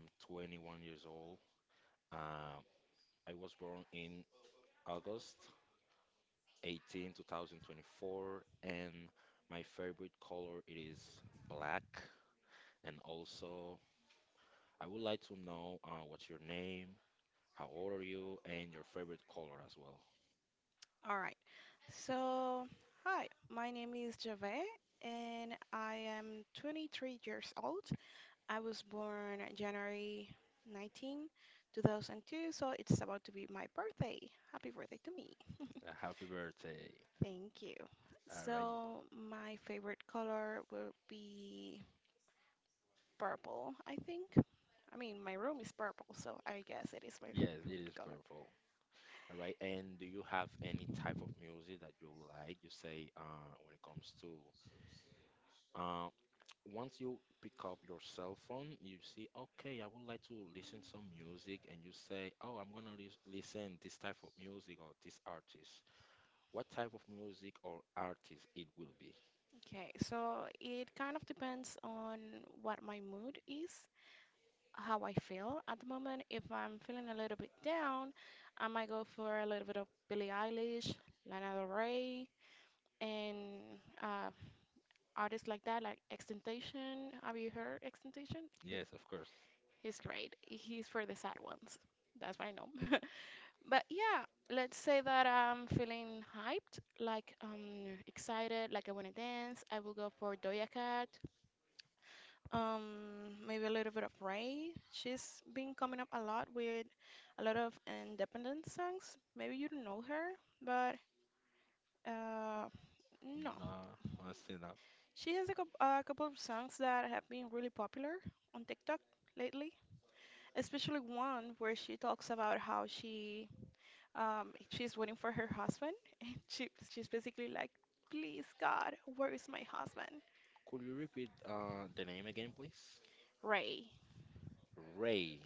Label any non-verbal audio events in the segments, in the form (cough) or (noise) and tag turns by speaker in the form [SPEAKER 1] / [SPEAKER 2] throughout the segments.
[SPEAKER 1] I'm 21 years old. Uh, I was born in August 18, 2024, and my favorite color it is black. And also, I would like to know what's your name, how old are you, and your favorite color as well.
[SPEAKER 2] All right. So, hi, my name is Javet, and I am 23 years old. I was born January 19, 2002, so it's about to be my birthday. Happy birthday to me.
[SPEAKER 1] Happy birthday.
[SPEAKER 2] Thank you.
[SPEAKER 1] All right.
[SPEAKER 2] So, my favorite color will be purple, I think. I mean, my room is purple, so I guess it is my (laughs)
[SPEAKER 1] Yes, it
[SPEAKER 2] favorite
[SPEAKER 1] is
[SPEAKER 2] color.
[SPEAKER 1] purple. All right, and do you have any type of music that you like? You say when it comes to uh, once you pick up your cell phone, you see, okay, I would like to listen some music, and you say, oh, I'm gonna listen this type of music or this artist. What type of music or artist it will be?
[SPEAKER 2] Okay, so it kind of depends on what my mood is, how I feel at the moment. If I'm feeling a little bit down, I might go for a little bit of Billie Eilish, Lana Del Rey, and uh, artists like that, like Extentation. Have you heard Extentation? He's,
[SPEAKER 1] Yes, of course.
[SPEAKER 2] he's great. He's for the sad ones. That's what I know. (laughs) But yeah, let's say that I'm feeling hyped, like excited, like I want to dance. I will go for Doja Cat. Maybe a little bit of Ray. She's been coming up a lot with a lot of independent songs. Maybe you don't know her, but uh, no.
[SPEAKER 1] Nah, I see that.
[SPEAKER 2] She has a, coup a couple of songs that have been really popular on TikTok lately, especially one where she talks about how she she's waiting for her husband, (laughs) and she's basically like, "Please God, where is my husband?"
[SPEAKER 1] Could you repeat the name again, please?
[SPEAKER 2] Ray.
[SPEAKER 1] Ray.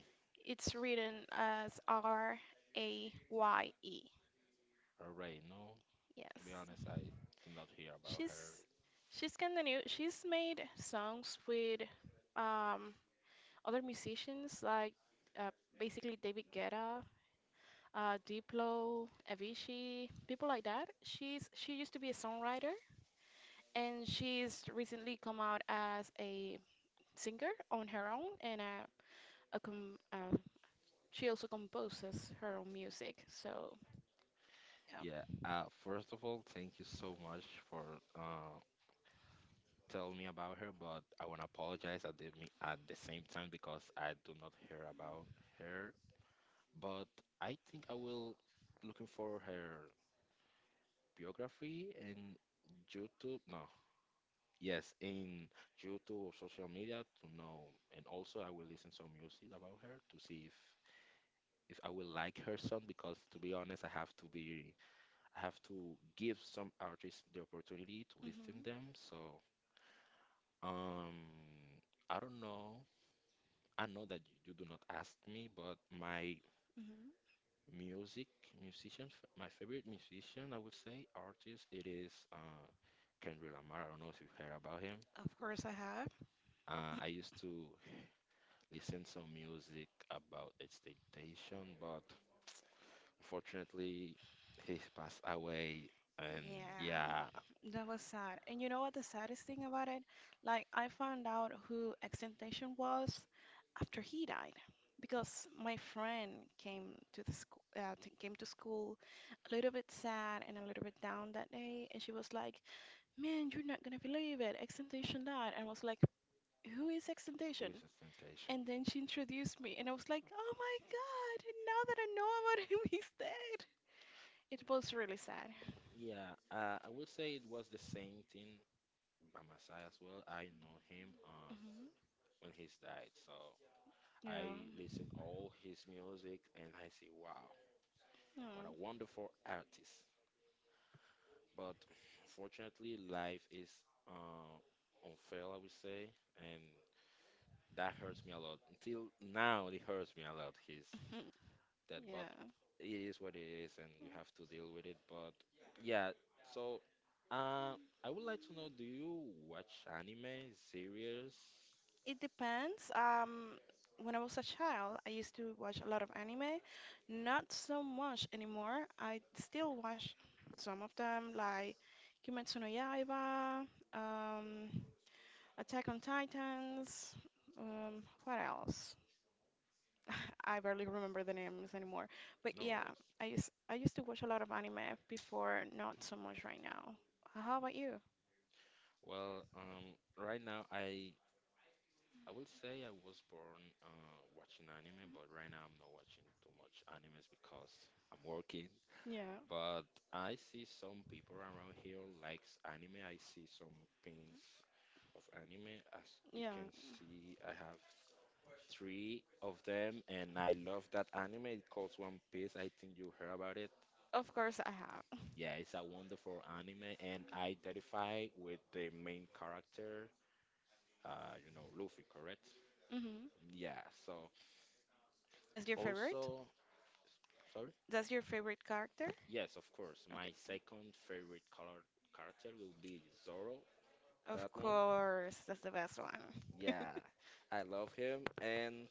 [SPEAKER 2] It's written as Raye.
[SPEAKER 1] Ray. No, to be
[SPEAKER 2] Yes.
[SPEAKER 1] honest, I did not hear about her.
[SPEAKER 2] She's she's continue she's made songs with um other musicians like uh, basically David Guetta, Diplo, Avicii, people like that. She used to be a songwriter and she's recently come out as a singer on her own and a com she also composes her own music. So yeah.
[SPEAKER 1] Yeah. First of all, thank you so much for tell me about her, but I want to apologize at the at the same time because I do not hear about her. But I think I will looking for her biography in YouTube. No, yes, in YouTube or social media to know. And also, I will listen some music about her to see if I will like her song. Because to be honest, I have to give some artists the opportunity to listen
[SPEAKER 2] hmm
[SPEAKER 1] them. So um. I don't know, I know that you do not ask me, but my
[SPEAKER 2] hmm
[SPEAKER 1] music, musicians, my favorite musician, I would say, artist, it is Kendrick Lamar. I don't know if you've heard about him.
[SPEAKER 2] Of course, I have.
[SPEAKER 1] I used to listen some music about expectation, but unfortunately, he passed away. And yeah,
[SPEAKER 2] Yeah, that was sad. And you know what the saddest thing about it? Like, I found out who Extentation was after he died because my friend came to the school, came to school a little bit sad and a little bit down that day, and she was like, "Man, you're not gonna believe it. Extentation died." And I was like, "Who is
[SPEAKER 1] who is
[SPEAKER 2] Extentation?"
[SPEAKER 1] expectation?
[SPEAKER 2] And then she introduced me, and I was like, "Oh my God! Now that I know about him, (laughs) he's dead." It was really sad.
[SPEAKER 1] Yeah, I would say it was the same thing by my side as well. I know him
[SPEAKER 2] Hmm
[SPEAKER 1] when he's died, so.
[SPEAKER 2] Yeah.
[SPEAKER 1] I listen all his music and I say, wow, what
[SPEAKER 2] Yeah.
[SPEAKER 1] a wonderful artist. But unfortunately, life is uh, unfair, I would say, and that hurts me a lot. Until now, it hurts me a lot. He's
[SPEAKER 2] (laughs)
[SPEAKER 1] dead, but
[SPEAKER 2] Yeah.
[SPEAKER 1] it is what it is, and
[SPEAKER 2] Yeah.
[SPEAKER 1] we have to deal with it. But yeah, so I would like to know, do you watch anime series?
[SPEAKER 2] It depends. When I was a child, I used to watch a lot of anime. Not so much anymore. I still watch some of them, like Kimetsu no Yaiba, um, Attack on Titans. What else? (laughs) I barely remember the names anymore. But
[SPEAKER 1] No
[SPEAKER 2] yeah,
[SPEAKER 1] worries.
[SPEAKER 2] I used to watch a lot of anime before, not so much right now. How about you?
[SPEAKER 1] Well, right now I will say I was born watching anime, but right now I'm not watching too much animes because I'm working.
[SPEAKER 2] Yeah,
[SPEAKER 1] But I see some people around here likes anime. I see some pins of anime. As you
[SPEAKER 2] yeah.
[SPEAKER 1] can see, I have three of them, and I love that anime. It calls One Piece. I think you heard about it.
[SPEAKER 2] Of course I have.
[SPEAKER 1] Yeah, it's a wonderful anime, and I identify with the main character. You know, Luffy, correct?
[SPEAKER 2] (laughs) hmm
[SPEAKER 1] Yeah. So
[SPEAKER 2] That's your favorite?
[SPEAKER 1] also, sorry.
[SPEAKER 2] That's your favorite character?
[SPEAKER 1] Yes, of course.
[SPEAKER 2] Okay.
[SPEAKER 1] My second favorite color character will be Zoro. That
[SPEAKER 2] Of
[SPEAKER 1] one.
[SPEAKER 2] course, that's the best one.
[SPEAKER 1] Yeah, I love him. And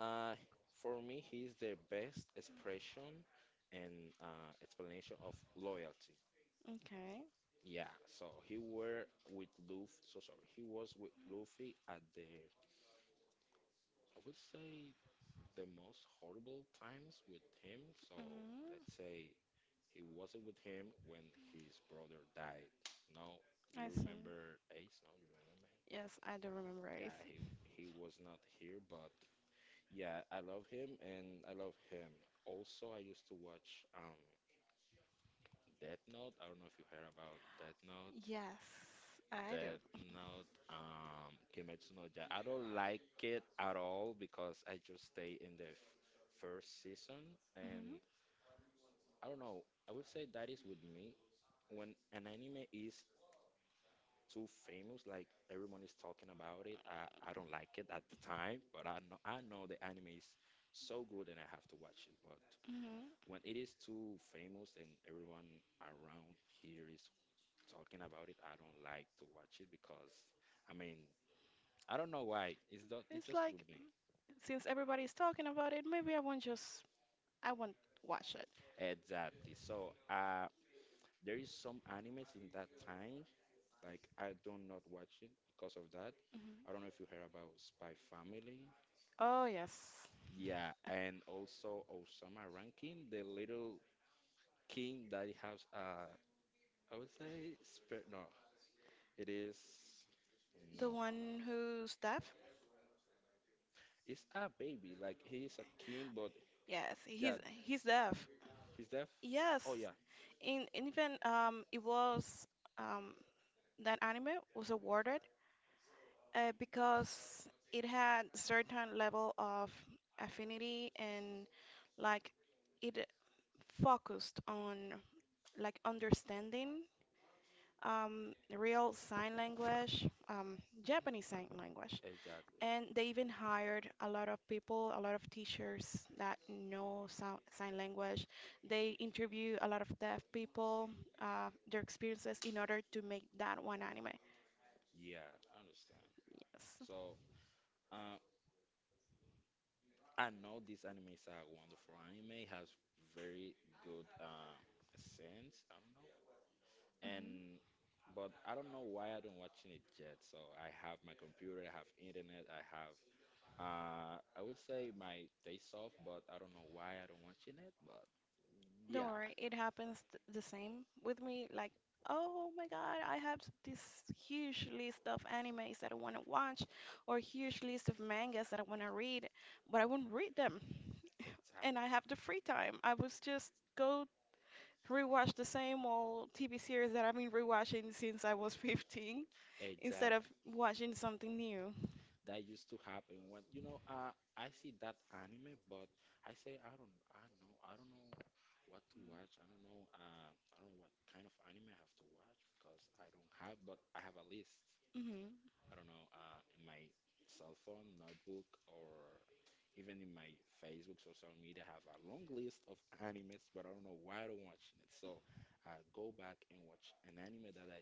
[SPEAKER 1] uh, for me, he's the best expression and explanation of loyalty.
[SPEAKER 2] Okay.
[SPEAKER 1] Yeah, so he were with Luffy. So sorry, he was with Luffy at the, I would say, the most horrible times with him. So let's
[SPEAKER 2] hmm
[SPEAKER 1] say he wasn't with him when his brother died. No, do
[SPEAKER 2] I
[SPEAKER 1] you
[SPEAKER 2] see.
[SPEAKER 1] remember Ace? No, you remember him?
[SPEAKER 2] Yes, I do remember it.
[SPEAKER 1] Yeah, he was not here, but yeah, I love him and I love him. Also, I used to watch Death Note. I don't know if you heard about Death Note.
[SPEAKER 2] Yes, I do.
[SPEAKER 1] Death Note, Kimetsu no Ja. I don't like it at all because I just stay in the f first season and
[SPEAKER 2] Hmm
[SPEAKER 1] I don't know. I would say that is with me when an anime is too famous. Like everyone is talking about it. I don't like it at the time, but I know the anime is so good and I have to watch it. But
[SPEAKER 2] hmm
[SPEAKER 1] when it is too famous and everyone around here is talking about it, I don't like to watch it because I mean I don't know why. It's not, it's
[SPEAKER 2] It's
[SPEAKER 1] just with
[SPEAKER 2] like,
[SPEAKER 1] me.
[SPEAKER 2] since everybody's talking about it, maybe I won't watch it.
[SPEAKER 1] Exactly. So there is some animes in that time. Like I do not watch it because of that. I don't
[SPEAKER 2] Hmm
[SPEAKER 1] know if you heard about Spy Family.
[SPEAKER 2] Oh yes,
[SPEAKER 1] Yeah, and also Osama Rankin, the little king that has I would say it is
[SPEAKER 2] the
[SPEAKER 1] no.
[SPEAKER 2] one who's deaf.
[SPEAKER 1] It's a baby, like he is a king, but
[SPEAKER 2] Yes,
[SPEAKER 1] yeah,
[SPEAKER 2] he's deaf.
[SPEAKER 1] he's deaf. Oh
[SPEAKER 2] Yes,
[SPEAKER 1] yeah,
[SPEAKER 2] in and even it was um that anime was awarded because it had certain level of affinity and like it focused on like understanding real sign language, Japanese sign language.
[SPEAKER 1] exactly.
[SPEAKER 2] And they even hired a lot of people, a lot of teachers that know sign language. They interview a lot of deaf people, their experiences in order to make that one anime.
[SPEAKER 1] Yeah, I understand. So uh, I know this anime is a wonderful anime, has very good sense, I don't know.
[SPEAKER 2] Yes.
[SPEAKER 1] And but I don't know why I don't watching it yet. So I have my computer, I have internet, I have I would say my taste off, but I don't know why I don't watching it. But
[SPEAKER 2] Don't
[SPEAKER 1] yeah,
[SPEAKER 2] worry, it happens the same with me. Like, oh my God, I have this huge list of animes that I want to watch, or huge list of mangas that I want to read, but I won't read them. And
[SPEAKER 1] exactly,
[SPEAKER 2] I have the free time. I was just go rewatch the same old TV series that I've been rewatching since I was (laughs) 15, instead of
[SPEAKER 1] exactly.
[SPEAKER 2] watching something new.
[SPEAKER 1] That used to happen when you know. I see that anime, but I say I don't. I know. I don't know what to watch. I don't know. I don't know what kind of anime I have to watch because I don't have. But I have a list.
[SPEAKER 2] Hmm
[SPEAKER 1] I don't know. In my cell phone, notebook, or even in my Facebook social media, I have a long list of animes, but I don't know why I don't watch it. So I go back and watch an anime that I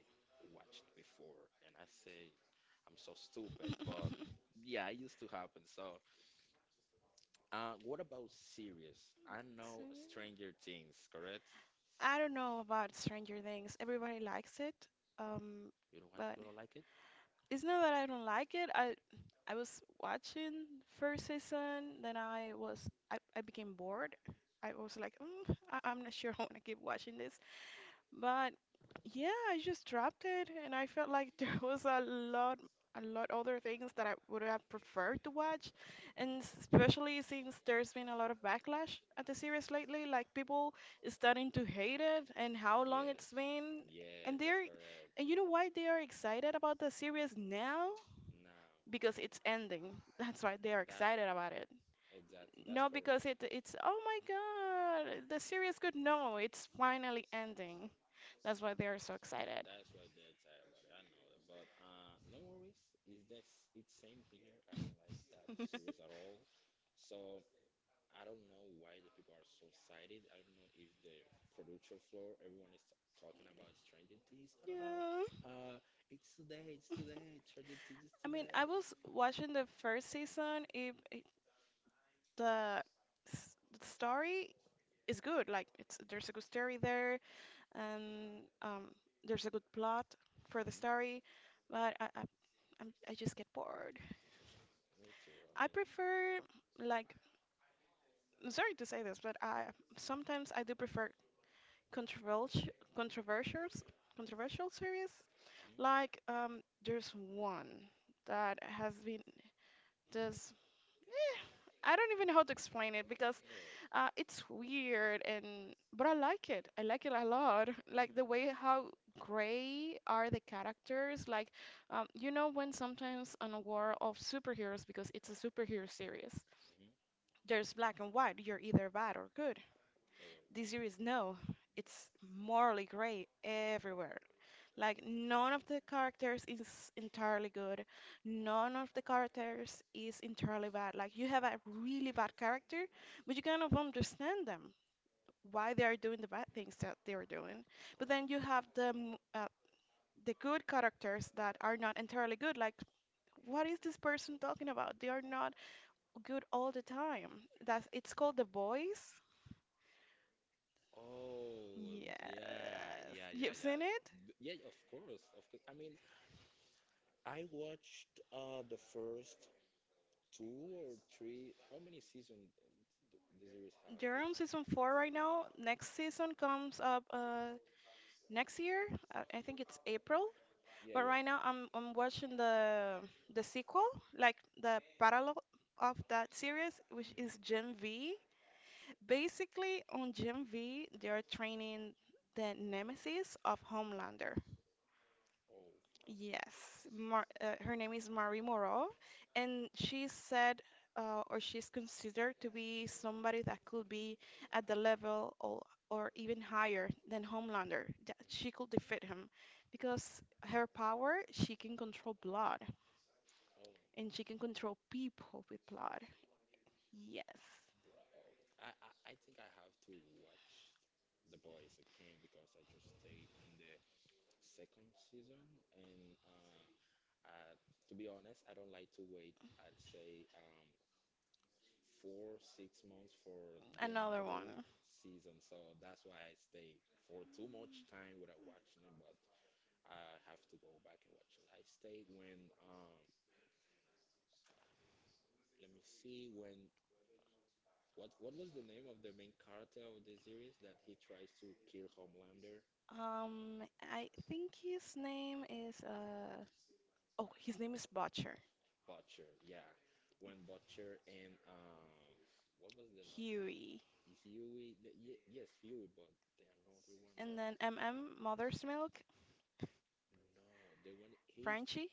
[SPEAKER 1] watched before, and I say I'm so stupid, but
[SPEAKER 2] (laughs)
[SPEAKER 1] yeah, it used to happen. So, what about series? I
[SPEAKER 2] So,
[SPEAKER 1] know
[SPEAKER 2] yeah.
[SPEAKER 1] Stranger Things, correct?
[SPEAKER 2] I don't know about Stranger Things. Everybody likes it, um, but
[SPEAKER 1] You don't like it?
[SPEAKER 2] it's not that I don't like it. I was watching first season, then I became bored. I was like, I'm not sure (laughs) I want to keep watching this. But yeah, I just dropped it, and I felt like (laughs) there was a lot other things that I would have preferred to watch, and especially since there's been a lot of backlash at the series lately, like people is starting to hate it and how long
[SPEAKER 1] Yes,
[SPEAKER 2] it's been, and
[SPEAKER 1] yes, that's
[SPEAKER 2] they're,
[SPEAKER 1] correct.
[SPEAKER 2] and you know why they are excited about the series now?
[SPEAKER 1] Now,
[SPEAKER 2] Because it's ending. (laughs) That's why they are excited
[SPEAKER 1] that's
[SPEAKER 2] about it.
[SPEAKER 1] exactly that's
[SPEAKER 2] No,
[SPEAKER 1] correct.
[SPEAKER 2] because it's oh my God, the series could no, it's finally ending. That's why they are so excited.
[SPEAKER 1] That's why they're excited about it. I know that, but no worries. Is this it's same here? I don't like that series
[SPEAKER 2] (laughs)
[SPEAKER 1] at all. So I don't know why the people are so excited. I don't know if the producer floor, everyone is talking about Stranger Things. I don't know.
[SPEAKER 2] Yeah.
[SPEAKER 1] Uh, it's today. It's today. Stranger Things is
[SPEAKER 2] I mean, I
[SPEAKER 1] today.
[SPEAKER 2] was watching the first season. The, the story is good. Like, it's there's a good story there, and there's a good plot for the
[SPEAKER 1] Mhm. Just
[SPEAKER 2] story. But I just get bored.
[SPEAKER 1] me too. I
[SPEAKER 2] I
[SPEAKER 1] mean.
[SPEAKER 2] prefer, like, I'm sorry to say this, but I sometimes I do prefer controversial, controversial, controversial series. Like, there's one that has been
[SPEAKER 1] Mhm.
[SPEAKER 2] Just
[SPEAKER 1] Yes.
[SPEAKER 2] I don't even know how to explain it because it's weird and but I like it. I like it a lot. (laughs) Like the way how gray are the characters. Like you know when sometimes on a war of superheroes because it's a superhero series,
[SPEAKER 1] Mm. Hmm.
[SPEAKER 2] there's black and white. You're either bad or good.
[SPEAKER 1] Correct.
[SPEAKER 2] This series no, it's morally gray everywhere. Like none of the characters is entirely good. None of the characters is entirely bad. Like you have a really bad character, but you kind of understand them, why they are doing the bad things that they are doing. But then you have the
[SPEAKER 1] Correct.
[SPEAKER 2] the good characters that are not entirely good. Like what is this person talking about? They are not good all the time. That's It's called The Boys.
[SPEAKER 1] Oh, yeah,
[SPEAKER 2] Yes,
[SPEAKER 1] yeah, yeah,
[SPEAKER 2] you've
[SPEAKER 1] yeah.
[SPEAKER 2] seen it.
[SPEAKER 1] D- Yeah, of course, of course. I mean, I watched the first two or three. How many seasons the series have?
[SPEAKER 2] They're
[SPEAKER 1] Is
[SPEAKER 2] on season 4 right now. Next season comes up next year. I think it's April.
[SPEAKER 1] yeah,
[SPEAKER 2] But
[SPEAKER 1] yeah.
[SPEAKER 2] right now I'm watching the sequel, like the parallel of that series, which
[SPEAKER 1] Hmm.
[SPEAKER 2] is Gen V. Basically, on Gen V, they are training the nemesis of Homelander.
[SPEAKER 1] Oh.
[SPEAKER 2] Yes, Mar her name is Marie Moreau, and or she's considered to be somebody that could be at the level or even higher than Homelander, that
[SPEAKER 1] Hmm.
[SPEAKER 2] she could defeat him because her power, she can control blood and she can control people with
[SPEAKER 1] Oh.
[SPEAKER 2] blood. Yes,
[SPEAKER 1] Bro, I, I, I think I have to watch The Boys again because I just stay in the second season and I, to be honest, I don't like to wait. I'd say 4, 6 months for the
[SPEAKER 2] another
[SPEAKER 1] another
[SPEAKER 2] one.
[SPEAKER 1] season. So that's why I stayed for too much time without watching it, but I have to go back and watch it. I stayed when let me see when what was the name of the main character of the series that he tries to kill Homelander?
[SPEAKER 2] Um, I think his name is oh, his name is Butcher,
[SPEAKER 1] Butcher, yeah. When Butcher and what was the
[SPEAKER 2] Huey.
[SPEAKER 1] Huey yes, Huey, but the another one
[SPEAKER 2] And
[SPEAKER 1] that
[SPEAKER 2] then MM Mother's Milk,
[SPEAKER 1] no, the one he's
[SPEAKER 2] Frenchie?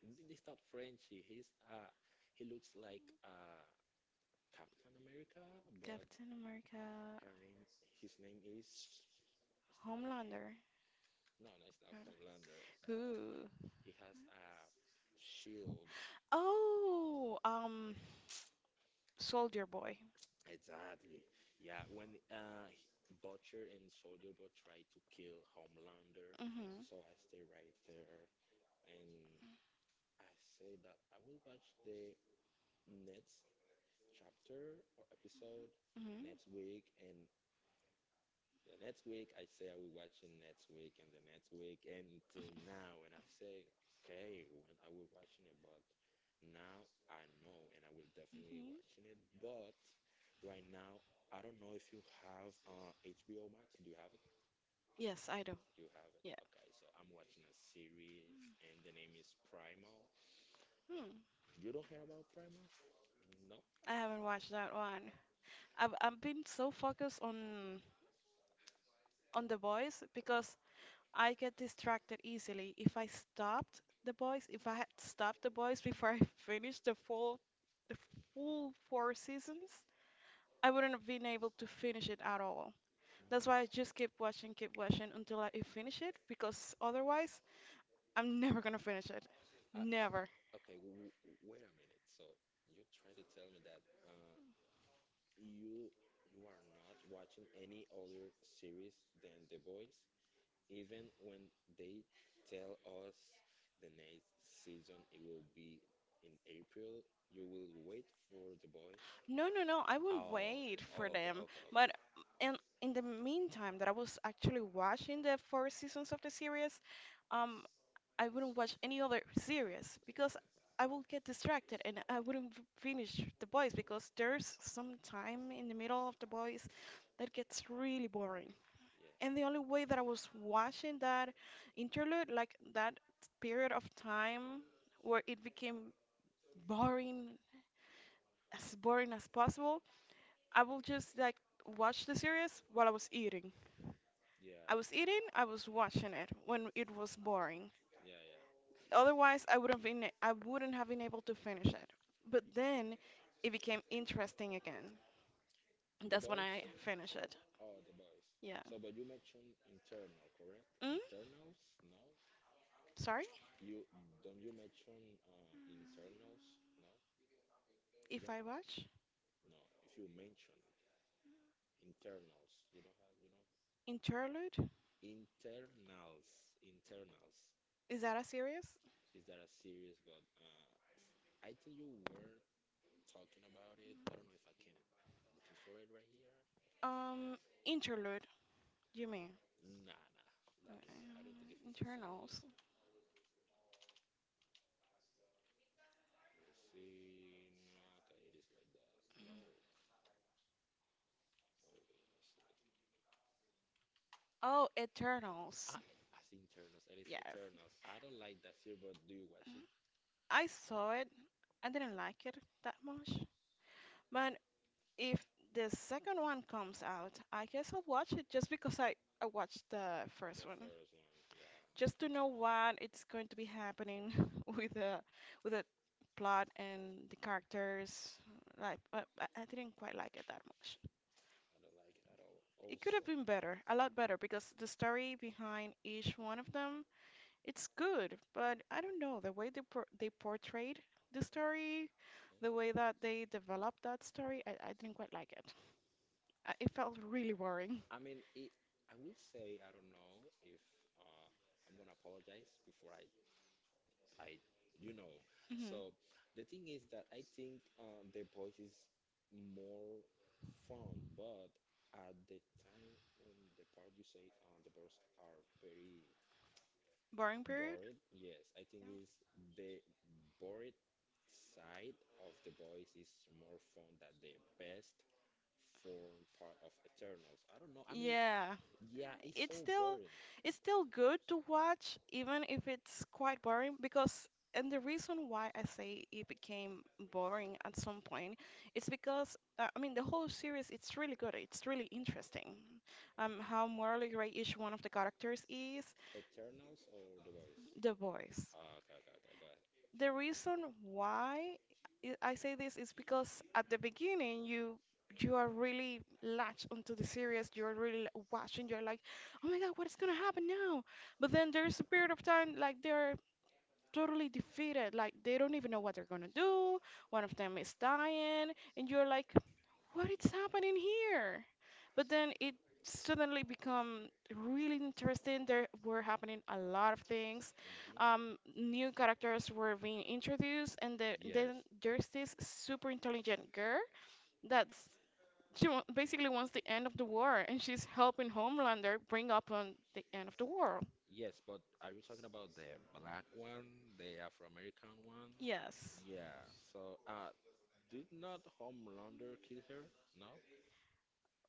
[SPEAKER 1] he's not Frenchy. He's he looks like Captain America, but
[SPEAKER 2] Captain America,
[SPEAKER 1] her name his name is no,
[SPEAKER 2] Homelander.
[SPEAKER 1] no, it's not Homelander.
[SPEAKER 2] Who?
[SPEAKER 1] He has a shield.
[SPEAKER 2] Oh, Soldier Boy.
[SPEAKER 1] Exactly. Yeah, when Butcher and Soldier Boy try to kill Homelander,
[SPEAKER 2] Mm-hmm.
[SPEAKER 1] so I stay right there and I say that I will watch the next chapter or episode
[SPEAKER 2] Mm-hmm.
[SPEAKER 1] next week, and the next week I say I will watch it next week, and the next week, and till now, and I say okay, when I will watching it, but now I know, and I will definitely
[SPEAKER 2] Mm-hmm.
[SPEAKER 1] watching it. But right now, I don't know if you have HBO Max. Do you have it?
[SPEAKER 2] Yes, I do.
[SPEAKER 1] You have it.
[SPEAKER 2] Yeah.
[SPEAKER 1] Okay, so I'm watching a series, and the name is Primal.
[SPEAKER 2] Hmm.
[SPEAKER 1] You don't hear about Primal? No.
[SPEAKER 2] I haven't watched that one. I've been so focused on the boys because I get distracted easily. If I stopped the boys, if I had stopped the boys before I (laughs) finished the full four seasons, I wouldn't have been able to finish it at all. That's why I just keep watching until I finish it because otherwise I'm (laughs) never gonna finish it.
[SPEAKER 1] I, I,
[SPEAKER 2] Never.
[SPEAKER 1] okay, wait a minute. So you try to tell me that you you are not watching any other series than The Boys, even when they tell us the next season it will be in April. You will wait for The Boys.
[SPEAKER 2] No, no, no. I won't
[SPEAKER 1] Oh,
[SPEAKER 2] wait for
[SPEAKER 1] oh, okay,
[SPEAKER 2] them.
[SPEAKER 1] okay, okay.
[SPEAKER 2] But in in the meantime that I was actually watching the 4 seasons of the series, um, I wouldn't watch any other series because I will get distracted and I wouldn't finish The Boys because there's some time in the middle of The Boys that gets really boring.
[SPEAKER 1] Yeah,
[SPEAKER 2] And the only way that I was watching that interlude, like that period of time where it became boring, boring as possible, I will just like watch the series while I was eating.
[SPEAKER 1] yeah,
[SPEAKER 2] I was eating,
[SPEAKER 1] yeah,
[SPEAKER 2] I was watching it when it was boring.
[SPEAKER 1] yeah.
[SPEAKER 2] Otherwise, I wouldn't have been able to finish it. But then it became interesting again.
[SPEAKER 1] (laughs) The
[SPEAKER 2] That's when
[SPEAKER 1] Boys.
[SPEAKER 2] I finished it.
[SPEAKER 1] Oh, The Boys.
[SPEAKER 2] Yeah.
[SPEAKER 1] So, but you mentioned internal, correct?
[SPEAKER 2] Mm?
[SPEAKER 1] Internals? No.
[SPEAKER 2] Sorry?
[SPEAKER 1] You don't you mention internals? No. You
[SPEAKER 2] If
[SPEAKER 1] don't.
[SPEAKER 2] I watch
[SPEAKER 1] No, if you mention internals, you know how you know
[SPEAKER 2] Interlude?
[SPEAKER 1] internals, internals.
[SPEAKER 2] Is that a series?
[SPEAKER 1] Is that a series? But I think you were talking about it. I don't know if I can looking for it right here.
[SPEAKER 2] Um, Interlude, you mean?
[SPEAKER 1] Nah, nah, that one.
[SPEAKER 2] Uh,
[SPEAKER 1] I don't think if it's a series.
[SPEAKER 2] Eternals.
[SPEAKER 1] Let me see. Nah, okay, it is like that. No, oh wait, let me see.
[SPEAKER 2] Oh, Eternals.
[SPEAKER 1] I as internals, it is
[SPEAKER 2] Yes.
[SPEAKER 1] Eternals. I don't like that series, but do you watch it?
[SPEAKER 2] I saw it. I didn't like it that much. But if the second one comes out, I guess I'll watch it just because I watched the first
[SPEAKER 1] The
[SPEAKER 2] one.
[SPEAKER 1] first one, yeah,
[SPEAKER 2] Just to know what it's going to be happening (laughs) with the with the plot and the characters. Like, but I didn't quite like it that much.
[SPEAKER 1] I don't like it at all.
[SPEAKER 2] It could have
[SPEAKER 1] Also.
[SPEAKER 2] been better, a lot better, because the story behind each one of them, it's good, but I don't know the way they portrayed the story, the
[SPEAKER 1] Okay.
[SPEAKER 2] way that they developed that story. I didn't quite like it. It felt really boring.
[SPEAKER 1] I mean, it, I will say I don't know if uh, I'm gonna apologize before I, you know.
[SPEAKER 2] Hmm
[SPEAKER 1] So, the thing is that I think their voice is more fun, but at the time when the part you said the birds are very
[SPEAKER 2] Boring period?
[SPEAKER 1] bored, yes, I think is the bored side of the boys is more fun than the best form part of Eternals. I don't know. I mean,
[SPEAKER 2] Yeah.
[SPEAKER 1] yeah, it's
[SPEAKER 2] It's
[SPEAKER 1] so
[SPEAKER 2] still
[SPEAKER 1] boring.
[SPEAKER 2] it's still good to watch even if it's quite boring because and the reason why I say it became boring at some point is because I mean the whole series it's really good. It's really interesting. How morally gray each one of the characters is.
[SPEAKER 1] Eternals or the boys?
[SPEAKER 2] The voice.
[SPEAKER 1] Ah, okay, okay, okay, got it.
[SPEAKER 2] The reason why I say this is because at the beginning you are really latched onto the series. You're really watching. You're like, oh my God, what is gonna happen now? But then there's a period of time, like they're totally defeated. Like they don't even know what they're gonna do. One of them is dying, and you're like, what is happening here? But then it suddenly become really interesting. There were happening a lot of things.
[SPEAKER 1] Hmm.
[SPEAKER 2] New characters were being introduced, and
[SPEAKER 1] Yes,
[SPEAKER 2] then there's this super intelligent girl that's basically wants the end of the war, and she's helping Homelander bring up on the end of the world.
[SPEAKER 1] yes, but are you talking about the black one, the Afro-American one?
[SPEAKER 2] Yes.
[SPEAKER 1] Yeah. So, did not Homelander kill her? No.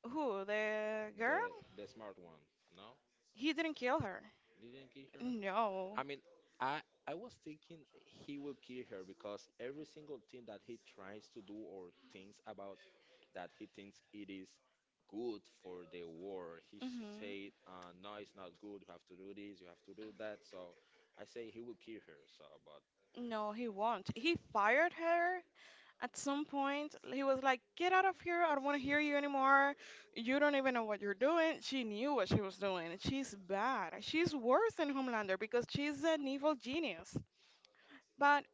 [SPEAKER 2] Who? The girl?
[SPEAKER 1] The smart one? No.
[SPEAKER 2] He didn't kill her.
[SPEAKER 1] Didn't kill her.
[SPEAKER 2] No.
[SPEAKER 1] I mean, I I was thinking he will kill her because every single thing that he tries to do or thinks about that he thinks it is good for the war, he
[SPEAKER 2] Hmm.
[SPEAKER 1] said, "No, it's not good. You have to do this. You have to do that." So I say he will kill her. So, but
[SPEAKER 2] No, he won't. He fired her. At some point, he was like, get out of here. I don't want to hear you anymore. You don't even know what you're doing. She knew what she was doing. She's bad. She's worse than Homelander because she's an evil genius. But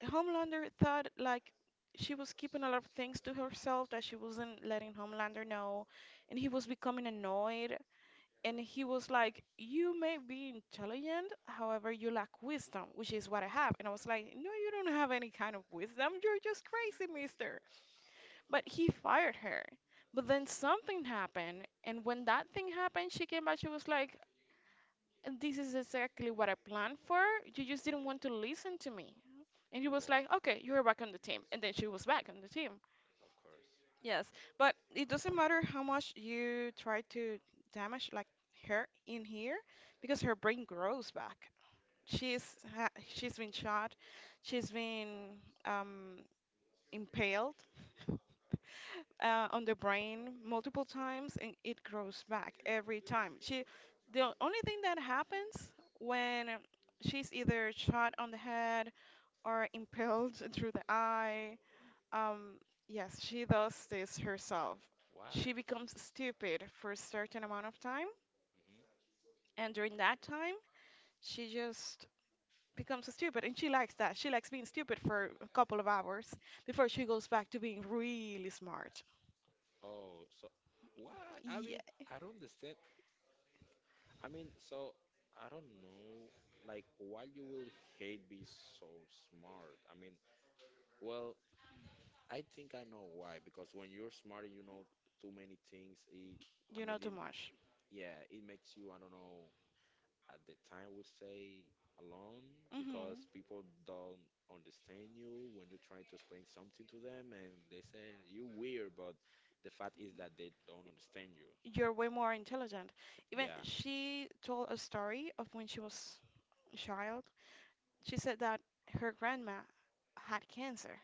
[SPEAKER 2] Homelander thought like she was keeping a lot of things to herself that she wasn't letting Homelander know, and he was becoming annoyed. And he was like, you may be intelligent, however, you lack wisdom, which is what I have. And I was like, no, you don't have any kind of wisdom. You're just crazy, mister. But he fired her. But then something happened, and when that thing happened, she came back. She was like, "This is exactly what I planned for. You just didn't want to listen to me." And he was
[SPEAKER 1] well,
[SPEAKER 2] like, "Okay, you're back on the team." And then she was back on the team.
[SPEAKER 1] of course,
[SPEAKER 2] Yes, but it doesn't matter how much you try to damage, like, her in here because her brain grows back. She's ha she's been shot, she's been impaled, on the brain multiple times and it grows back every time. The only thing that happens when she's either shot on the head or impaled (laughs) through the eye, um, yes, she does this herself.
[SPEAKER 1] why?
[SPEAKER 2] She becomes stupid for a certain amount of time,
[SPEAKER 1] Hmm.
[SPEAKER 2] and during that time, she just becomes stupid and she likes being stupid for a couple of hours before she goes back to being really smart.
[SPEAKER 1] Oh, so why? I
[SPEAKER 2] Yeah.
[SPEAKER 1] mean, I don't understand. I mean, so I don't know. Like, why you will hate be so smart? I mean. Well, I think I know why, because when you're smart and you know too many things, it, I
[SPEAKER 2] You know
[SPEAKER 1] mean,
[SPEAKER 2] too
[SPEAKER 1] it,
[SPEAKER 2] much.
[SPEAKER 1] yeah, it makes you, I don't know, at the time would say alone because
[SPEAKER 2] Hmm.
[SPEAKER 1] people don't understand you when you try to explain something to them and they say you weird, but the fact is that they don't understand you.
[SPEAKER 2] You're way more intelligent. Even
[SPEAKER 1] Yeah.
[SPEAKER 2] she told a story of when she was a child. She said that her grandma had cancer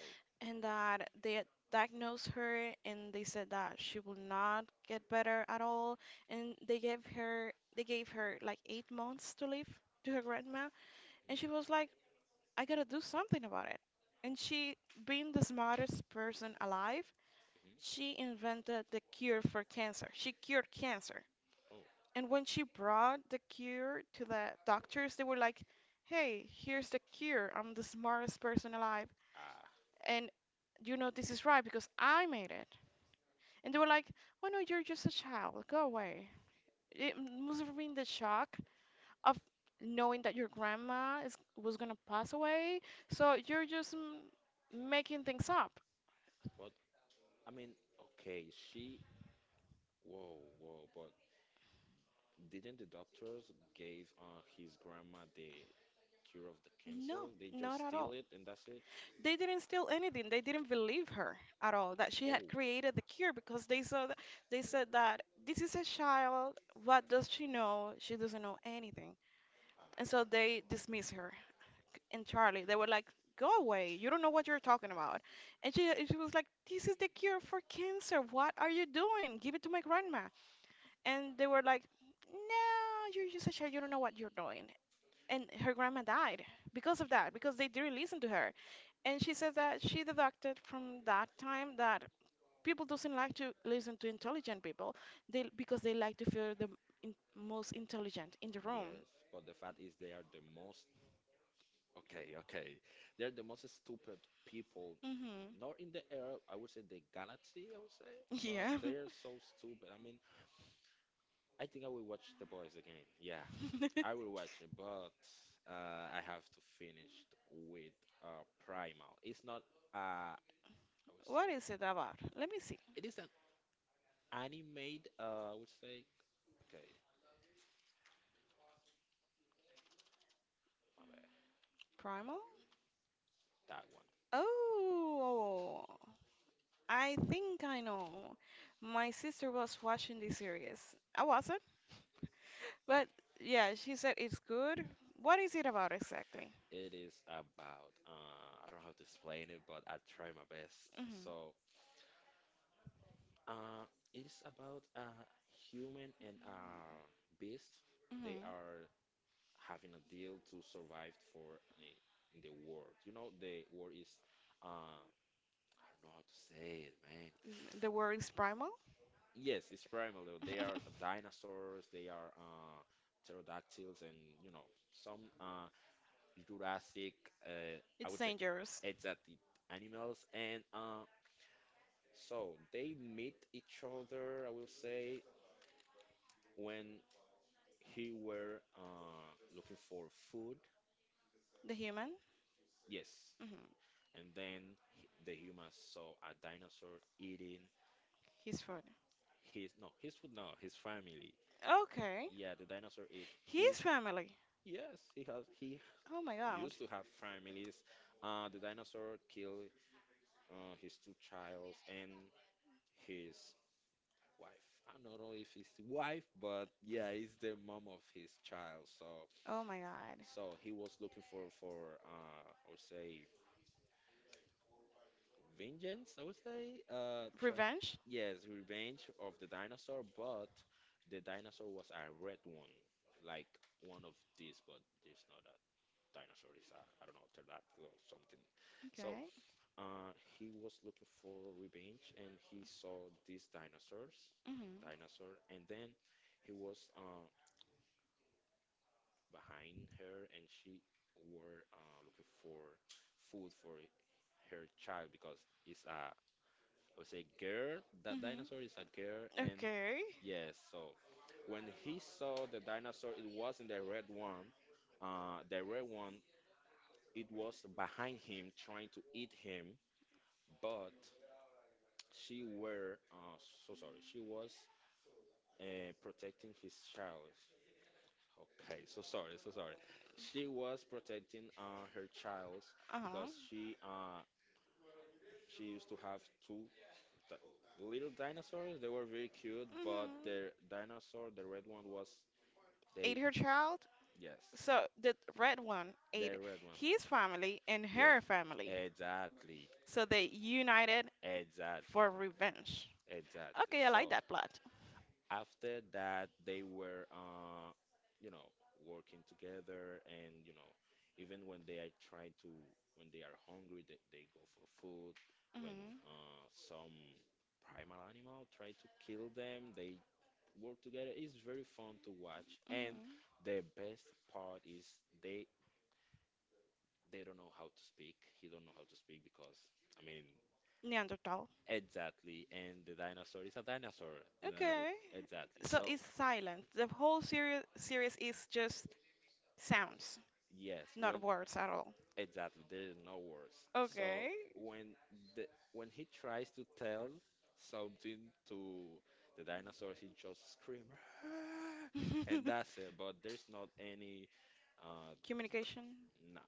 [SPEAKER 1] Oh.
[SPEAKER 2] and that they had diagnosed her and they said that she will not get better at all and they gave her like 8 months to live, to her grandma. And
[SPEAKER 1] Hmm.
[SPEAKER 2] she was like, I got to do something about it. And she, being the smartest person alive,
[SPEAKER 1] Hmm.
[SPEAKER 2] she invented the cure for cancer. She cured cancer.
[SPEAKER 1] Oh,
[SPEAKER 2] And when she brought the cure to the doctors, they were like, hey, here's the cure. I'm the smartest person alive.
[SPEAKER 1] ah,
[SPEAKER 2] And you know this is right because I made it. And they were like, oh no, you're just a child. Go away. It must have been the shock of knowing that your grandma was going to pass away. So you're just making things up.
[SPEAKER 1] but I mean, okay, she, whoa, whoa, but didn't the doctors gave his grandma the cure of the cancer?
[SPEAKER 2] No,
[SPEAKER 1] They just
[SPEAKER 2] not at
[SPEAKER 1] steal
[SPEAKER 2] all.
[SPEAKER 1] it and that's it?
[SPEAKER 2] They didn't steal anything. They didn't believe her at all that she had
[SPEAKER 1] Oh,
[SPEAKER 2] created the cure because they saw that, they said that this is a child. What does she know? She doesn't know anything. And
[SPEAKER 1] ah,
[SPEAKER 2] so they dismissed her entirely. They were like, "Go away. You don't know what you're talking about." And she was like, "This is the cure for cancer. What are you doing? Give it to my grandma." And they were like, "No, you're just a child. You don't know what you're doing." And her grandma died because of that, because they didn't listen to her. And she says that she deducted from that time that people doesn't like to listen to intelligent people they because they like to feel the most intelligent in the room.
[SPEAKER 1] yes. But the fact is, they are the most okay, okay. They're the most stupid people.
[SPEAKER 2] Mm-hmm.
[SPEAKER 1] Not in the era, I would say the galaxy, I would say, but
[SPEAKER 2] Yeah.
[SPEAKER 1] they're so stupid. I mean, I think I will watch The Boys again. Yeah, I will watch it, but I have to finish with Primal. It's not, I would
[SPEAKER 2] (laughs)
[SPEAKER 1] say,
[SPEAKER 2] What is it about? Let me see.
[SPEAKER 1] it is a Animate, I would say, okay, my bad,
[SPEAKER 2] Primal.
[SPEAKER 1] that one.
[SPEAKER 2] Oh, I think I know. My sister was watching this series. I wasn't, but yeah, she said it's good. What is it about exactly?
[SPEAKER 1] It is about, I don't know how to explain it, but I'll try my best.
[SPEAKER 2] Mm-hmm.
[SPEAKER 1] So, it is about a human and a beast. They
[SPEAKER 2] Mhm.
[SPEAKER 1] are having a deal to survive for in the world. You know, the world is, uh, I don't know how to say it, man.
[SPEAKER 2] Mm, the word is primal.
[SPEAKER 1] Yes, it's primal. Though. They are
[SPEAKER 2] (laughs)
[SPEAKER 1] dinosaurs. They are pterodactyls, and you know some Jurassic, uh, I
[SPEAKER 2] It's
[SPEAKER 1] would say,
[SPEAKER 2] dangerous.
[SPEAKER 1] exotic animals, and so they meet each other. I will say when he were looking for food,
[SPEAKER 2] The human.
[SPEAKER 1] yes,
[SPEAKER 2] Mhm.
[SPEAKER 1] and then the humans saw a dinosaur eating
[SPEAKER 2] His food.
[SPEAKER 1] his no his food no his family.
[SPEAKER 2] Okay.
[SPEAKER 1] Yeah, the dinosaur ate his.
[SPEAKER 2] His family.
[SPEAKER 1] Yes, he has. He
[SPEAKER 2] Oh my God.
[SPEAKER 1] used to have families. The dinosaur killed his two childs and his wife. I don't know if it's wife, but yeah, it's the mom of his child. So
[SPEAKER 2] Oh my God.
[SPEAKER 1] so he was looking for I would say vengeance, I would say. Try
[SPEAKER 2] Revenge.
[SPEAKER 1] yes, revenge of the dinosaur, but the dinosaur was a red one. Like one of these, but it's not a dinosaur, it's a I don't know, pterodactyl or something. So
[SPEAKER 2] Okay.
[SPEAKER 1] he was looking for revenge and he saw these dinosaurs
[SPEAKER 2] Mhm.
[SPEAKER 1] dinosaur and then he was behind her and she were looking for food for her child because it's a I would say girl that
[SPEAKER 2] Mhm.
[SPEAKER 1] dinosaur is a girl and
[SPEAKER 2] Okay.
[SPEAKER 1] yes so when he saw the dinosaur it wasn't the red one uh, the red one it was behind him trying to eat him but she were so sorry she was protecting his child. Okay, so sorry, so sorry. She was protecting her child
[SPEAKER 2] Uh
[SPEAKER 1] because
[SPEAKER 2] huh.
[SPEAKER 1] she used to have two di- little dinosaurs. They were very cute, but
[SPEAKER 2] Mhm.
[SPEAKER 1] their dinosaur, the red one, was
[SPEAKER 2] Ate
[SPEAKER 1] they
[SPEAKER 2] her child.
[SPEAKER 1] yes,
[SPEAKER 2] So the red one
[SPEAKER 1] the
[SPEAKER 2] ate
[SPEAKER 1] red one.
[SPEAKER 2] his family and
[SPEAKER 1] Yeah,
[SPEAKER 2] her family.
[SPEAKER 1] exactly,
[SPEAKER 2] So they united
[SPEAKER 1] exactly,
[SPEAKER 2] for revenge.
[SPEAKER 1] exactly.
[SPEAKER 2] Okay, I like
[SPEAKER 1] So
[SPEAKER 2] that plot.
[SPEAKER 1] after that, they were you know, working together and, you know, even when they are trying to, when they are hungry, they go for food. When
[SPEAKER 2] Mhm.
[SPEAKER 1] some primal animal try to kill them, they work together. It's very fun to watch. And
[SPEAKER 2] Mhm.
[SPEAKER 1] the best part is they they don't know how to speak. He don't know how to speak because, I mean,
[SPEAKER 2] Neanderthal.
[SPEAKER 1] exactly. And the dinosaur is a dinosaur. The dinosaur,
[SPEAKER 2] Okay.
[SPEAKER 1] exactly.
[SPEAKER 2] So
[SPEAKER 1] So
[SPEAKER 2] it's silent. The whole series is just sounds,
[SPEAKER 1] yes,
[SPEAKER 2] not
[SPEAKER 1] when
[SPEAKER 2] words at all.
[SPEAKER 1] exactly, there is no words. So
[SPEAKER 2] Okay.
[SPEAKER 1] when the when he tries to tell something to the dinosaur, he just scream, "Ah!" and
[SPEAKER 2] (laughs)
[SPEAKER 1] that's it. But there's not any, uh, d-
[SPEAKER 2] Communication.
[SPEAKER 1] no,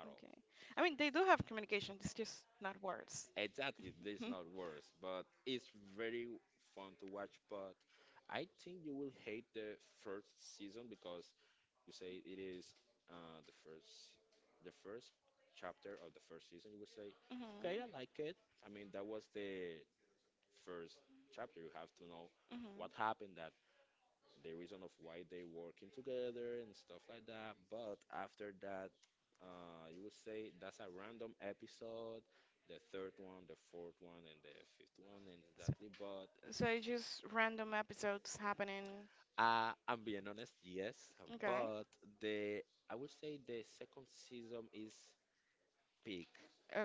[SPEAKER 1] at all.
[SPEAKER 2] Okay. I mean, they do have communication. It's just not words.
[SPEAKER 1] Exactly, there's
[SPEAKER 2] Mhm.
[SPEAKER 1] not words. But it's very fun to watch. But I think you will hate the first season because you say it is uh, the first the first chapter of the first season. You would say,
[SPEAKER 2] Mhm.
[SPEAKER 1] okay, I like it. I mean, that was the first chapter. You have to know
[SPEAKER 2] Mhm.
[SPEAKER 1] what
[SPEAKER 2] (laughs)
[SPEAKER 1] happened, that the reason of why they working together and stuff like that. But after that, you would say that's a random episode. The third one, the fourth one, and the fifth one, and
[SPEAKER 2] So,
[SPEAKER 1] exactly. But
[SPEAKER 2] so it's just random episodes happening.
[SPEAKER 1] I'm being honest, yes.
[SPEAKER 2] Okay.
[SPEAKER 1] But the I would say the second season is peak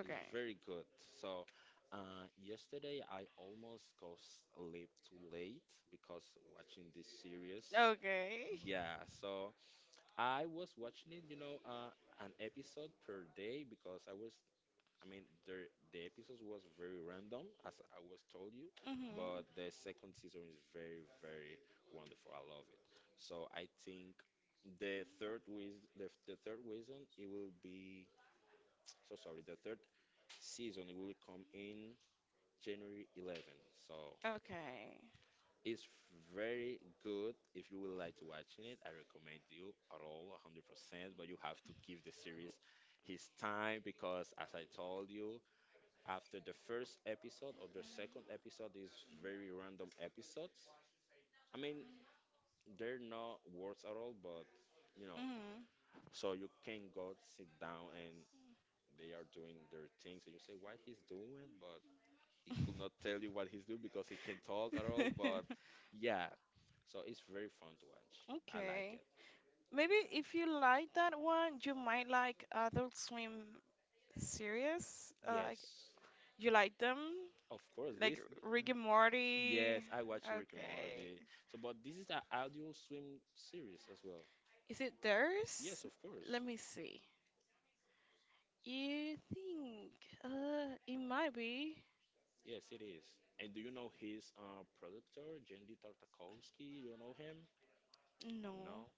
[SPEAKER 1] is very good. So yesterday I almost go sleep too late because watching this series.
[SPEAKER 2] Okay.
[SPEAKER 1] Yeah, so I was watching it, you know, an episode per day because I was, I mean, the episodes was very random, as I was told you,
[SPEAKER 2] Mhm.
[SPEAKER 1] but the second season is very, very wonderful. I love it. So I think the third with the third reason, it will be (tsk) so sorry. The third season will come in January 11th. So
[SPEAKER 2] Okay.
[SPEAKER 1] it's very good. If you would like to watching it, I recommend you at all 100%. But you have to give the series his time because, as I told you, after the first episode or the second episode is very random episodes. I mean, they're not words at all, but you know, so you can go sit down and they are doing their things, and you say, "What he's doing?" But he could not tell you what he's doing because he can't talk at all.
[SPEAKER 2] Mhm.
[SPEAKER 1] But
[SPEAKER 2] (laughs)
[SPEAKER 1] yeah, so it's very fun to watch. I like
[SPEAKER 2] Okay.
[SPEAKER 1] it.
[SPEAKER 2] Maybe if you like that one, you might like Adult Swim. Serious? Like,
[SPEAKER 1] Yes,
[SPEAKER 2] you like them?
[SPEAKER 1] of course.
[SPEAKER 2] Like
[SPEAKER 1] This,
[SPEAKER 2] Rick and Morty?
[SPEAKER 1] yes, I watch Rick and
[SPEAKER 2] Okay.
[SPEAKER 1] Morty. So, but this is an audio swim series as well.
[SPEAKER 2] Is it
[SPEAKER 1] Yes,
[SPEAKER 2] theirs?
[SPEAKER 1] of course.
[SPEAKER 2] Let me see. You think? It might be.
[SPEAKER 1] Yes, it is. And do you know his producer, Jendy Tartakovsky? You know him?
[SPEAKER 2] No.
[SPEAKER 1] Now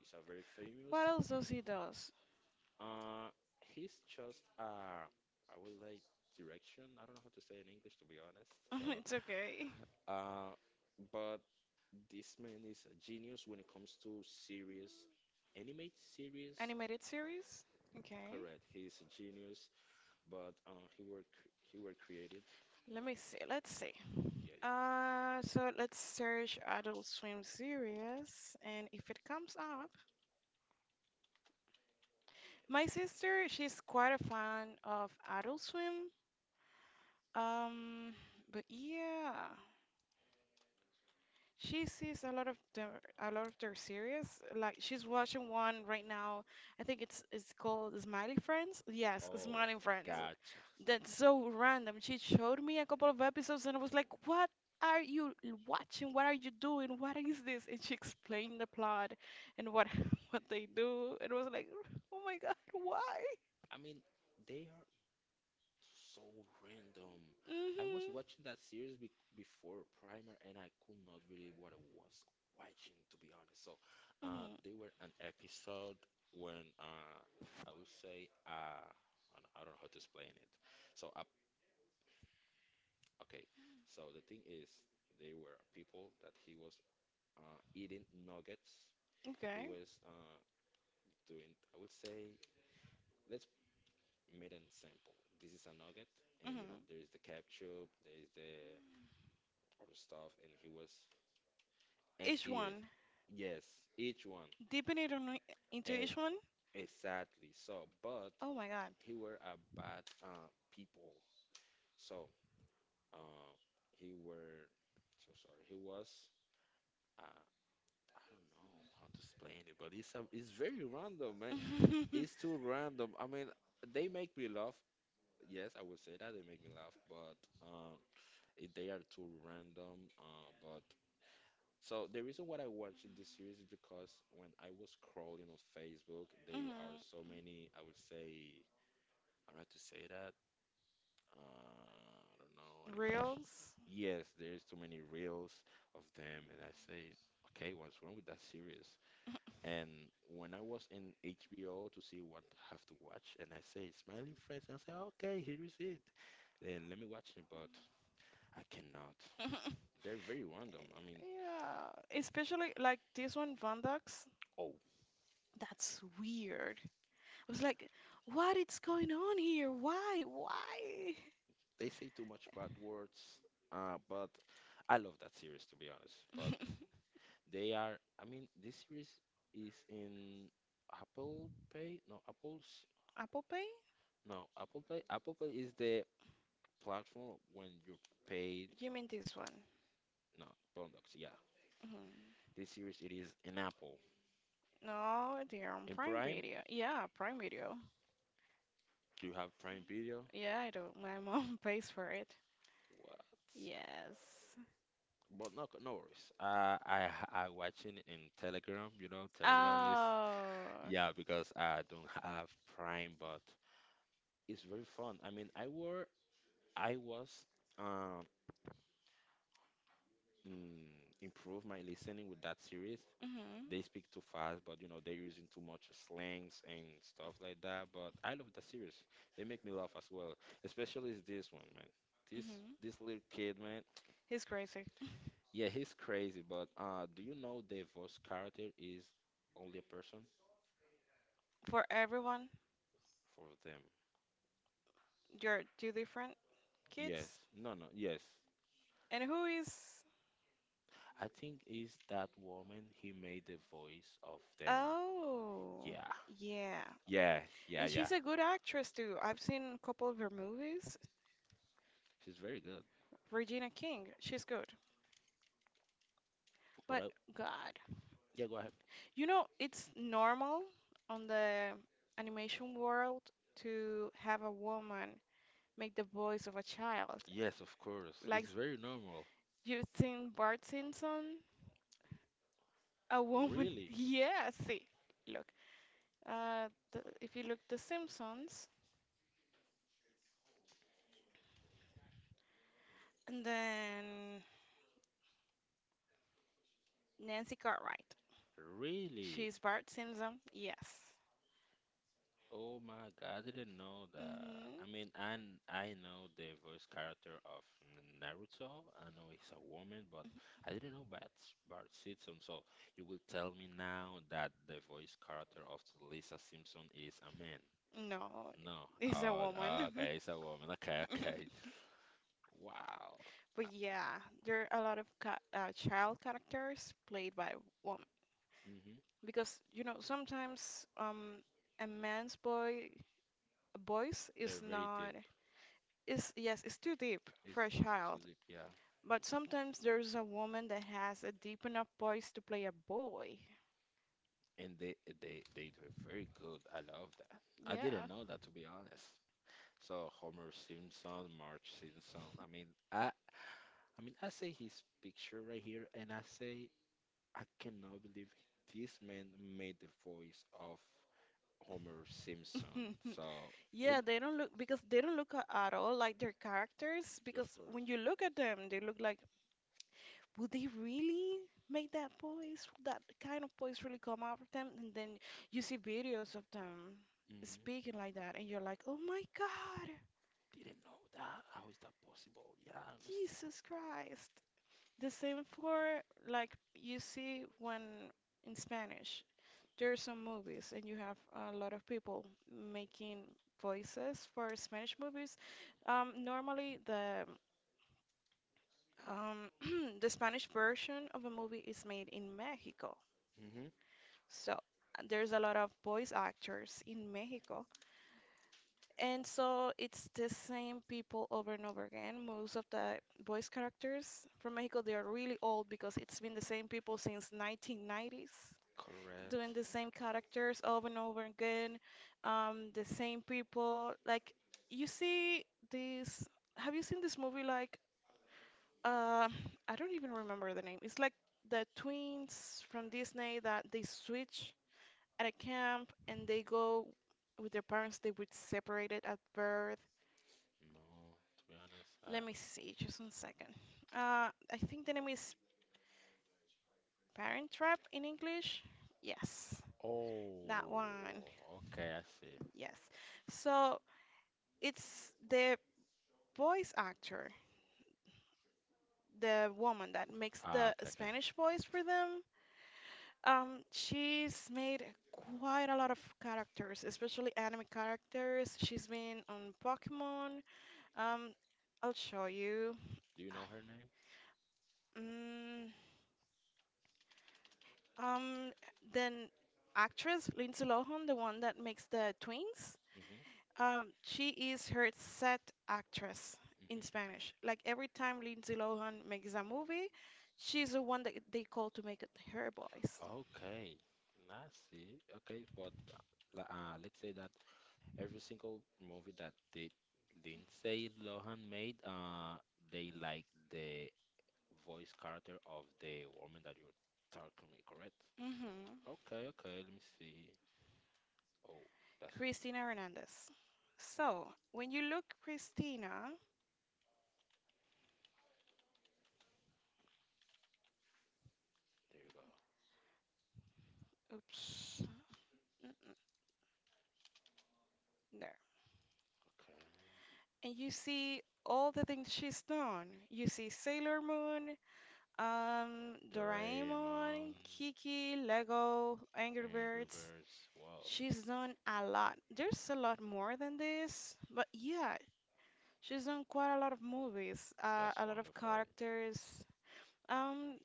[SPEAKER 1] is a very famous.
[SPEAKER 2] What else does he does?
[SPEAKER 1] Uh, he's just I would like direction. I don't know how to say it in English to be honest. So,
[SPEAKER 2] (laughs) It's okay.
[SPEAKER 1] uh, but this man is a genius when it comes to series, animate series.
[SPEAKER 2] Animated series? Okay.
[SPEAKER 1] Correct, he's a genius. But he were he were created.
[SPEAKER 2] Let me see. Let's see.
[SPEAKER 1] Yeah, yeah.
[SPEAKER 2] So let's search Adult Swim series, and if it comes up, my sister, she's quite a fan of Adult Swim. Um, but yeah, she sees a lot of their series. Like she's watching one right now. I think it's called Smiley Friends. Yes,
[SPEAKER 1] Oh,
[SPEAKER 2] Smiling Friends.
[SPEAKER 1] gotcha.
[SPEAKER 2] That's so random. She showed me a couple of episodes and I was like, "What are you watching? What are you doing? What is this?" And she explained the plot and what (laughs) what they do. And I was like, "Oh my God, why?"
[SPEAKER 1] I mean, they are so random. I was
[SPEAKER 2] Mhm.
[SPEAKER 1] watching that series be before Primer, and I could not really what I was watching, to be honest. So,
[SPEAKER 2] Mhm.
[SPEAKER 1] they were an episode when I would say I don't know how to explain it. So, okay, so the thing is, they were people that he was eating nuggets. He
[SPEAKER 2] Okay.
[SPEAKER 1] was doing, I would say. Let's made an example. This is a nugget, and you
[SPEAKER 2] Mhm.
[SPEAKER 1] know there is the ketchup, there is the other stuff, and he was and
[SPEAKER 2] Each
[SPEAKER 1] eat it.
[SPEAKER 2] one.
[SPEAKER 1] Yes, each one.
[SPEAKER 2] Deepen it on into
[SPEAKER 1] And
[SPEAKER 2] each one.
[SPEAKER 1] exactly. So, but
[SPEAKER 2] Oh my God.
[SPEAKER 1] he were a bad people. So, uh, he were so sorry. He was uh, I don't know how to explain it, but it's very random, man. It's too random. I mean, they make me laugh. Yes, I would say that they make me laugh, but. Um, they are too random. But so the reason why I watched this series is because when I was scrolling on Facebook,
[SPEAKER 2] (laughs)
[SPEAKER 1] they are so
[SPEAKER 2] Hmm.
[SPEAKER 1] many. I would say, I right to say that. I don't know animation.
[SPEAKER 2] Reels.
[SPEAKER 1] Yes, there's too many reels of them, and I say, okay, what's wrong with that series? And when I was in HBO to see what I have to watch, and I say Smiling Friends, and I say, okay, here is it. Then let me watch it, but I cannot.
[SPEAKER 2] (laughs)
[SPEAKER 1] They're very random. I mean,
[SPEAKER 2] Yeah, especially like this one, Vandax.
[SPEAKER 1] oh,
[SPEAKER 2] That's weird. I was like, what is going on here? Why? Why?
[SPEAKER 1] they say too much bad words. But I love that series to be honest. But
[SPEAKER 2] (laughs)
[SPEAKER 1] they are, I mean, this series is in Apple Pay? No, Apple's,
[SPEAKER 2] Apple Pay?
[SPEAKER 1] no, Apple Pay. Apple Pay is the platform when you pay,
[SPEAKER 2] You mean this one?
[SPEAKER 1] no, products. Yeah,
[SPEAKER 2] Mhm.
[SPEAKER 1] this series it is in Apple.
[SPEAKER 2] No, they're on
[SPEAKER 1] In
[SPEAKER 2] Prime
[SPEAKER 1] Prime,
[SPEAKER 2] Video. Yeah, Prime Video.
[SPEAKER 1] do you have Prime Video?
[SPEAKER 2] Yeah, I do. My mom (laughs) pays for it.
[SPEAKER 1] What?
[SPEAKER 2] Yes.
[SPEAKER 1] But no, no worries. I watching in Telegram. You know, Telegram is
[SPEAKER 2] Oh.
[SPEAKER 1] yeah because I don't have Prime, but it's very fun. I mean, I was um improve my listening with that series.
[SPEAKER 2] Mhm.
[SPEAKER 1] They speak too fast, but you know they're using too much slangs and stuff like that. But I love the series. They make me laugh as well, especially is this one, man. This
[SPEAKER 2] Mhm.
[SPEAKER 1] this little kid, man.
[SPEAKER 2] He's crazy.
[SPEAKER 1] Yeah, he's crazy. But do you know the voice character is only a person
[SPEAKER 2] For everyone,
[SPEAKER 1] for them?
[SPEAKER 2] you're two different
[SPEAKER 1] Yes.
[SPEAKER 2] kids.
[SPEAKER 1] No, no. Yes.
[SPEAKER 2] And who is?
[SPEAKER 1] I think is that woman he made the voice of them.
[SPEAKER 2] Oh,
[SPEAKER 1] Yeah,
[SPEAKER 2] yeah.
[SPEAKER 1] Yeah, yeah,
[SPEAKER 2] And
[SPEAKER 1] yeah.
[SPEAKER 2] she's a good actress too. I've seen a couple of her movies.
[SPEAKER 1] She's very good.
[SPEAKER 2] Regina King, she's good.
[SPEAKER 1] But
[SPEAKER 2] But
[SPEAKER 1] I,
[SPEAKER 2] God,
[SPEAKER 1] yeah, go ahead.
[SPEAKER 2] you know, it's normal on the animation world to have a woman make the voice of a child.
[SPEAKER 1] Yes, of course.
[SPEAKER 2] Like
[SPEAKER 1] It's very normal.
[SPEAKER 2] you've seen Bart Simpson, a woman. (laughs)
[SPEAKER 1] Really,
[SPEAKER 2] Yeah, see, look. Uh, if you look The Simpsons, and then Nancy Cartwright.
[SPEAKER 1] really.
[SPEAKER 2] She's Bart Simpson. Yes.
[SPEAKER 1] Oh my God, I didn't know that.
[SPEAKER 2] Hmm.
[SPEAKER 1] I mean, I know the voice character of Naruto. I know it's a woman, but I didn't know Bart Simpson. So you will tell me now that the voice character of Lisa Simpson is a man.
[SPEAKER 2] No,
[SPEAKER 1] No.
[SPEAKER 2] it's a
[SPEAKER 1] Oh,
[SPEAKER 2] woman.
[SPEAKER 1] okay.
[SPEAKER 2] (laughs)
[SPEAKER 1] It's a woman. Okay, okay. Wow.
[SPEAKER 2] But yeah, there are a lot of ca child characters played by women
[SPEAKER 1] Hmm.
[SPEAKER 2] because you know sometimes a man's boy voice is
[SPEAKER 1] They're very
[SPEAKER 2] not,
[SPEAKER 1] deep.
[SPEAKER 2] is, yes, it's too deep for
[SPEAKER 1] It's
[SPEAKER 2] a child,
[SPEAKER 1] too deep, yeah.
[SPEAKER 2] but sometimes there's a woman that has a deep enough voice to play a boy.
[SPEAKER 1] And they do it very good. I love that. I
[SPEAKER 2] Yeah.
[SPEAKER 1] didn't know that to be honest. So Homer Simpson, Marge Simpson. I mean, I see his picture right here, and I say I cannot believe this man made the voice of Homer Simpson.
[SPEAKER 2] (laughs)
[SPEAKER 1] So he,
[SPEAKER 2] Yeah, they don't look because they don't look at all like their characters.
[SPEAKER 1] of
[SPEAKER 2] Because
[SPEAKER 1] course.
[SPEAKER 2] when you look at them, they look like, would they really make that voice? Would that kind of voice really come out of them? And then you see videos of them
[SPEAKER 1] Hmm.
[SPEAKER 2] speaking like that, and you're like, oh my God,
[SPEAKER 1] Didn't know that. How is that possible? Yeah, I understand.
[SPEAKER 2] Jesus Christ. The same for like you see when in Spanish, there are some movies, and you have a lot of people making voices for Spanish movies. Normally the Um, (clears throat) the Spanish version of a movie is made in Mexico.
[SPEAKER 1] Hmm.
[SPEAKER 2] So there's a lot of voice actors in Mexico. And so it's the same people over and over again. Most of the voice characters from Mexico, they are really old because it's been the same people since 1990s,
[SPEAKER 1] Correct.
[SPEAKER 2] doing the same characters over and over again. The same people. Like you see this. Have you seen this movie, like, Uh, I don't even remember the name. It's like the twins from Disney that they switch at a camp and they go with their parents. They would separate it at birth.
[SPEAKER 1] No, to be honest, I,
[SPEAKER 2] Let me see, just 1 second. I think the name is Parent Trap in English. Yes, that one.
[SPEAKER 1] oh, okay, I see.
[SPEAKER 2] Yes. So it's the voice actor, the woman that makes
[SPEAKER 1] Ah,
[SPEAKER 2] the
[SPEAKER 1] okay, okay.
[SPEAKER 2] Spanish voice for them. She's made quite a lot of characters, especially anime characters. She's been on Pokemon. Um, I'll show you.
[SPEAKER 1] Do you know her name?
[SPEAKER 2] Mm, um, then actress Lindsay Lohan, the one that makes the twins.
[SPEAKER 1] Mm-hmm.
[SPEAKER 2] She is her set actress in
[SPEAKER 1] Mm-hmm.
[SPEAKER 2] Spanish. Like every time Lindsay Lohan makes a movie,
[SPEAKER 1] Makes a
[SPEAKER 2] she's the one that
[SPEAKER 1] movie.
[SPEAKER 2] they call to make it her voice.
[SPEAKER 1] Okay, I see. Okay, but let's say that every single movie that did Lindsay Lohan made, they like the voice character of the woman that you're talking me, correct?
[SPEAKER 2] Hmm.
[SPEAKER 1] Okay, okay, let me see. Oh, that's
[SPEAKER 2] Christina Hernandez. So, when you look Christina,
[SPEAKER 1] there you go.
[SPEAKER 2] oops, mm-mm, there,
[SPEAKER 1] Okay.
[SPEAKER 2] and you see all the things she's done, you see Sailor Moon,
[SPEAKER 1] Doraemon,
[SPEAKER 2] Doraemon, Kiki, Lego, Angry
[SPEAKER 1] Angry
[SPEAKER 2] Birds.
[SPEAKER 1] Birds. Birds. Wow.
[SPEAKER 2] She's done a lot. There's a lot more than this, but yeah, she's done quite a lot of movies,
[SPEAKER 1] That's
[SPEAKER 2] a lot of
[SPEAKER 1] wonderful.
[SPEAKER 2] characters. Um,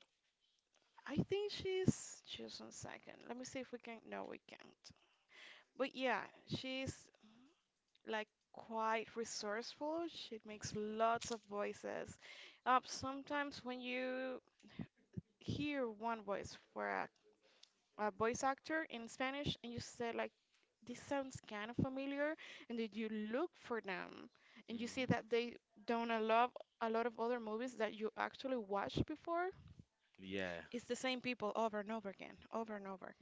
[SPEAKER 2] I think she's on second. Let me see if we can. No, we can't. But yeah, she's like quite resourceful. She
[SPEAKER 1] Hmm.
[SPEAKER 2] makes lots of voices. Sometimes when you hear one voice for a voice actor in Spanish and you say like, this sounds kind of familiar, and then you look for them and you see
[SPEAKER 1] Hmm.
[SPEAKER 2] that they done a lot of other movies that you actually watched before.
[SPEAKER 1] Yeah.
[SPEAKER 2] It's the same people over and over again, over and over.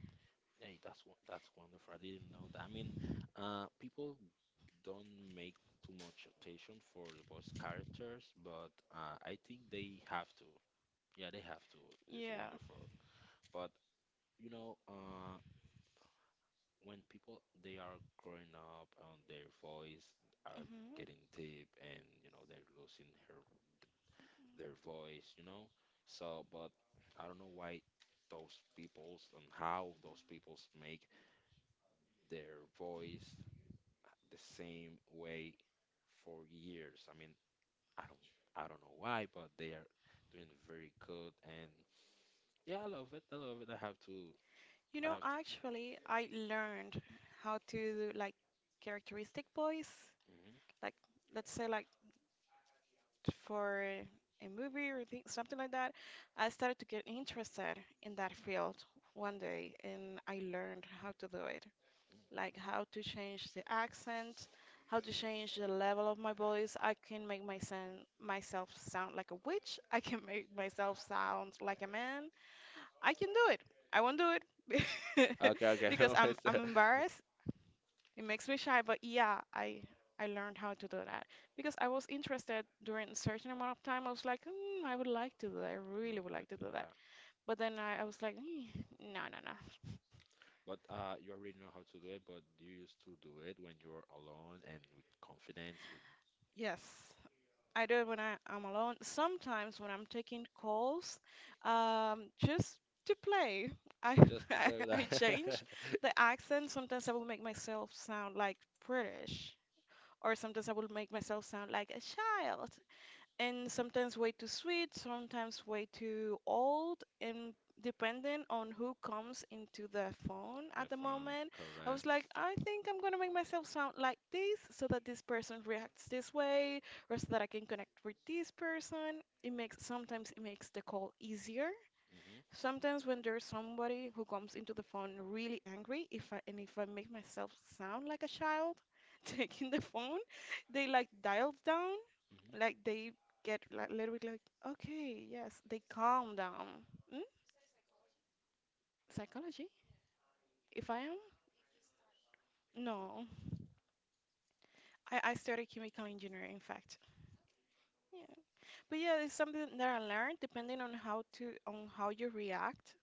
[SPEAKER 1] Hey, that's that's wonderful. I didn't know that. I mean, people don't make too much attention for the boss characters, but I think they have to. Yeah, they have to. It's
[SPEAKER 2] Yeah.
[SPEAKER 1] wonderful. But you know, when people they are growing up and their voice are
[SPEAKER 2] Mm-hmm.
[SPEAKER 1] getting deep and you know they're losing her their voice, you know. So, but I don't know why those peoples and how those peoples make their voice the same way for years. I mean, I don't know why, but they are doing very good and yeah, I love it. I love it. I have to
[SPEAKER 2] You
[SPEAKER 1] I
[SPEAKER 2] know,
[SPEAKER 1] have to.
[SPEAKER 2] actually, I learned how to do like characteristic voice,
[SPEAKER 1] Hmm.
[SPEAKER 2] like let's say like for a movie or thing, something like that. I started to get interested in that field one day, and I learned how to do it, like how to change the accent, how to change the level of my voice. I can make my son myself sound like a witch. I can make myself sound like a man. I can do it. I won't do it (laughs)
[SPEAKER 1] Okay, okay, (laughs)
[SPEAKER 2] because
[SPEAKER 1] no,
[SPEAKER 2] I'm
[SPEAKER 1] it's
[SPEAKER 2] I'm
[SPEAKER 1] (laughs)
[SPEAKER 2] embarrassed. It makes me shy, but yeah, I learned how to do that because I was interested during a certain amount of time. I was like, I would like to do that. I really
[SPEAKER 1] well,
[SPEAKER 2] would like to do that.
[SPEAKER 1] yeah.
[SPEAKER 2] But then I was like, "Eh, no, no, no."
[SPEAKER 1] But you already know how to do it. But you used to do it when you were alone and with confidence, with
[SPEAKER 2] Yes, I do it when I'm alone. Sometimes when I'm taking calls, just to play, I
[SPEAKER 1] just
[SPEAKER 2] (laughs)
[SPEAKER 1] to
[SPEAKER 2] I
[SPEAKER 1] play with
[SPEAKER 2] I
[SPEAKER 1] that.
[SPEAKER 2] change
[SPEAKER 1] (laughs)
[SPEAKER 2] the accent. Sometimes I will make myself sound like British, or sometimes I will make myself sound like a child. And sometimes way too sweet, sometimes way too old, and depending on who comes into the phone
[SPEAKER 1] The
[SPEAKER 2] at the
[SPEAKER 1] fun,
[SPEAKER 2] moment, I was like,
[SPEAKER 1] correct.
[SPEAKER 2] I think I'm gonna make myself sound like this so that this person reacts this way, or so that I can connect with this person. It makes sometimes it makes the call easier.
[SPEAKER 1] Mhm,
[SPEAKER 2] Sometimes when there's somebody who comes into the phone really angry, if I make myself sound like a child (laughs) taking the phone, they like dial down,
[SPEAKER 1] mhm,
[SPEAKER 2] like they get like little bit like, okay, yes, they calm down. Mm? Psychology? If I am? No. I studied chemical engineering, in fact. Yeah. But yeah, it's something that I learned depending on how to on how you react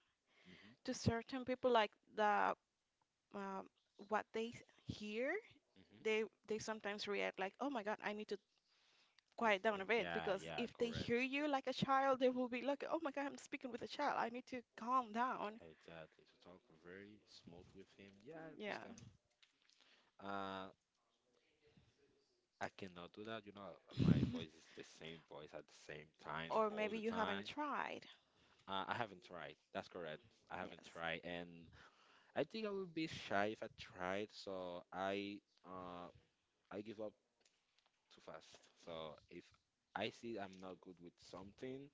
[SPEAKER 1] mhm,
[SPEAKER 2] to certain people, like the uh, what they hear. they
[SPEAKER 1] mhm.
[SPEAKER 2] they sometimes react like, "Oh my God, I need to
[SPEAKER 1] If
[SPEAKER 2] quiet down a bit,"
[SPEAKER 1] yeah,
[SPEAKER 2] because
[SPEAKER 1] yeah,
[SPEAKER 2] if they
[SPEAKER 1] correct.
[SPEAKER 2] hear you like a child, they will be like, "Oh my God, I'm speaking with a child. I need to calm down."
[SPEAKER 1] Exactly. To talk very smooth with him. Yeah, I
[SPEAKER 2] Yeah.
[SPEAKER 1] understand. Uh. I cannot do that. You know, my voice is the same voice at the same time and
[SPEAKER 2] Or
[SPEAKER 1] all
[SPEAKER 2] maybe
[SPEAKER 1] the
[SPEAKER 2] you haven't
[SPEAKER 1] time.
[SPEAKER 2] tried.
[SPEAKER 1] I haven't tried. That's correct. I
[SPEAKER 2] Yes.
[SPEAKER 1] haven't tried, and I think I will be shy if I tried. So uh, I give up too fast. So if I see I'm not good with something,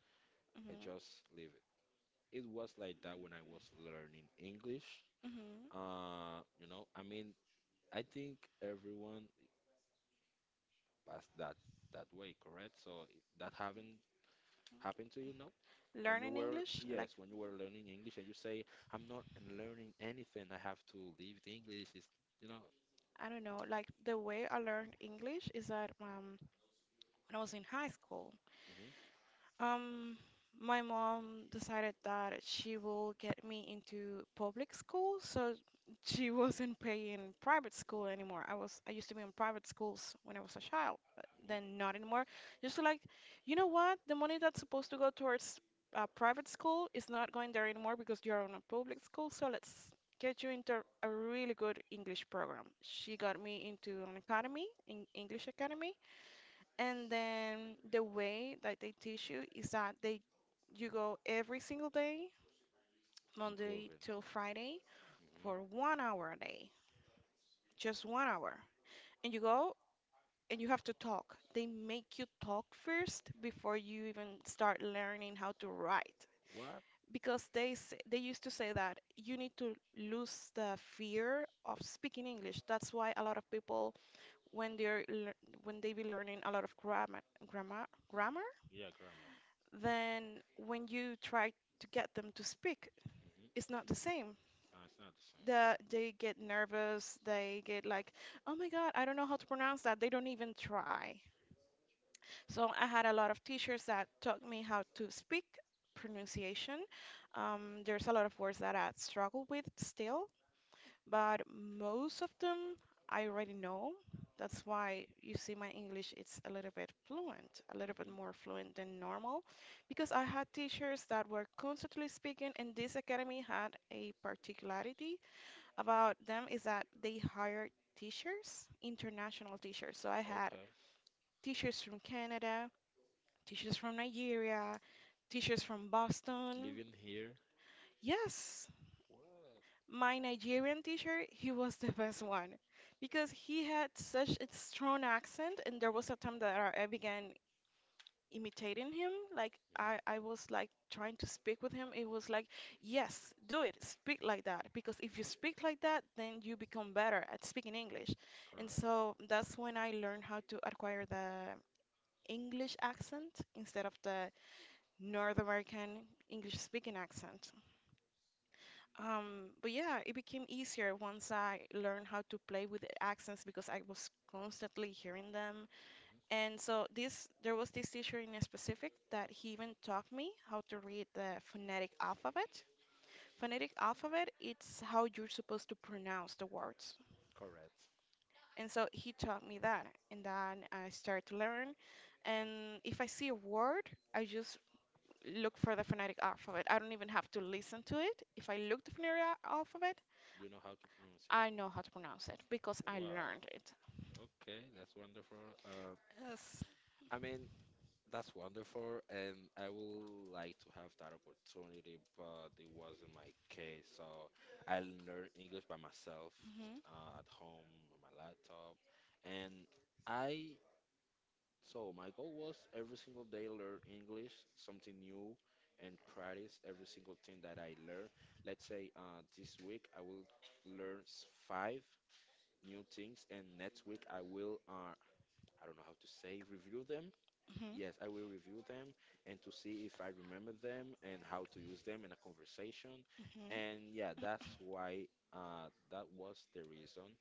[SPEAKER 1] I
[SPEAKER 2] Mm-hmm.
[SPEAKER 1] just leave it. It was like that when I was learning English.
[SPEAKER 2] Mm-hmm.
[SPEAKER 1] You know, I mean, I think everyone passed that that way, correct? So that haven't happen to you? No. When you
[SPEAKER 2] Learning
[SPEAKER 1] were,
[SPEAKER 2] English, like
[SPEAKER 1] yes, when you were learning English and you say, I'm not learning anything, I have to leave the English, is, you know.
[SPEAKER 2] I don't know, like the way I learned English is that when I was in high school.
[SPEAKER 1] Hmm.
[SPEAKER 2] Um, my mom decided that she will get me into public school, so she (laughs) wasn't paying private school anymore. I used to be in private schools when I was a child, but
[SPEAKER 1] Hmm.
[SPEAKER 2] then not anymore. Just to like, you know what? The money that's supposed to go towards private school is not going there anymore because you're on a public school, so let's get you into a really good English program. She got me into an academy, an English academy, and then the way that they teach you is that they you go every single day, Monday
[SPEAKER 1] Improving.
[SPEAKER 2] till Friday,
[SPEAKER 1] Hmm.
[SPEAKER 2] for 1 hour a day, just 1 hour. And you go and you have to talk. They make you talk first before you even start learning how to write.
[SPEAKER 1] What?
[SPEAKER 2] Because they used to say that you need to lose the fear of speaking English. That's why a lot of people when they're lear- when they be learning a lot of grammar,
[SPEAKER 1] Yeah, grammar.
[SPEAKER 2] then when you try to get them to speak, it's
[SPEAKER 1] Hmm.
[SPEAKER 2] not the same.
[SPEAKER 1] No, it's not the same, correct.
[SPEAKER 2] They get nervous, they get like, oh my God, I don't know how to pronounce that. They don't even try. So I had a lot of teachers that taught me how to speak pronunciation. There's a lot of words that I struggle with still, but most of them I already know. That's why you see my English, it's a little bit fluent, a little bit
[SPEAKER 1] Hmm.
[SPEAKER 2] more fluent than normal, because I had teachers that were constantly speaking, and this academy had a particularity about them is that they hired teachers, international teachers. So I had
[SPEAKER 1] Okay.
[SPEAKER 2] teachers from Canada, teachers from Nigeria, teachers from Boston.
[SPEAKER 1] Living here.
[SPEAKER 2] Yes, my Nigerian teacher, he was the (laughs) best one because he had such a strong accent, and there was a time that I began imitating him. Like
[SPEAKER 1] Hmm.
[SPEAKER 2] I was like trying to speak with him. It was like, yes, do it, speak like that, because if you speak like that, then you become better at speaking English. And
[SPEAKER 1] Correct.
[SPEAKER 2] so that's when I learned how to acquire the English accent instead of the North American English speaking accent. But yeah, it became easier once I learned how to play with the accents because I was constantly hearing them.
[SPEAKER 1] Mhm.
[SPEAKER 2] And so this There was this teacher in specific that he even taught me how to read the phonetic alphabet. Phonetic alphabet, it's how you're supposed to pronounce the words.
[SPEAKER 1] Correct.
[SPEAKER 2] And so he taught me that, and then I started to learn. And if I see a word, I just look for the phonetic alphabet. I don't even have to listen to it. If I look the phonetic alphabet,
[SPEAKER 1] You know how to pronounce it.
[SPEAKER 2] I know how to pronounce it because I
[SPEAKER 1] Wow.
[SPEAKER 2] learned it.
[SPEAKER 1] Okay, that's wonderful.
[SPEAKER 2] Yes.
[SPEAKER 1] I mean, that's wonderful, and I would like to have that opportunity, but it wasn't my case. So I learned English by myself
[SPEAKER 2] Mhm,
[SPEAKER 1] at home on my laptop, and I. So my goal was every single day learn English, something new, and practice every single thing that I learn. Let's say this week I will learn five. New things, and next week I will, I don't know how to say, review them.
[SPEAKER 2] mhm,
[SPEAKER 1] Yes, I will review them and to see if I remember them and how to use them in a conversation.
[SPEAKER 2] mhm.
[SPEAKER 1] And yeah, that's why that was the reason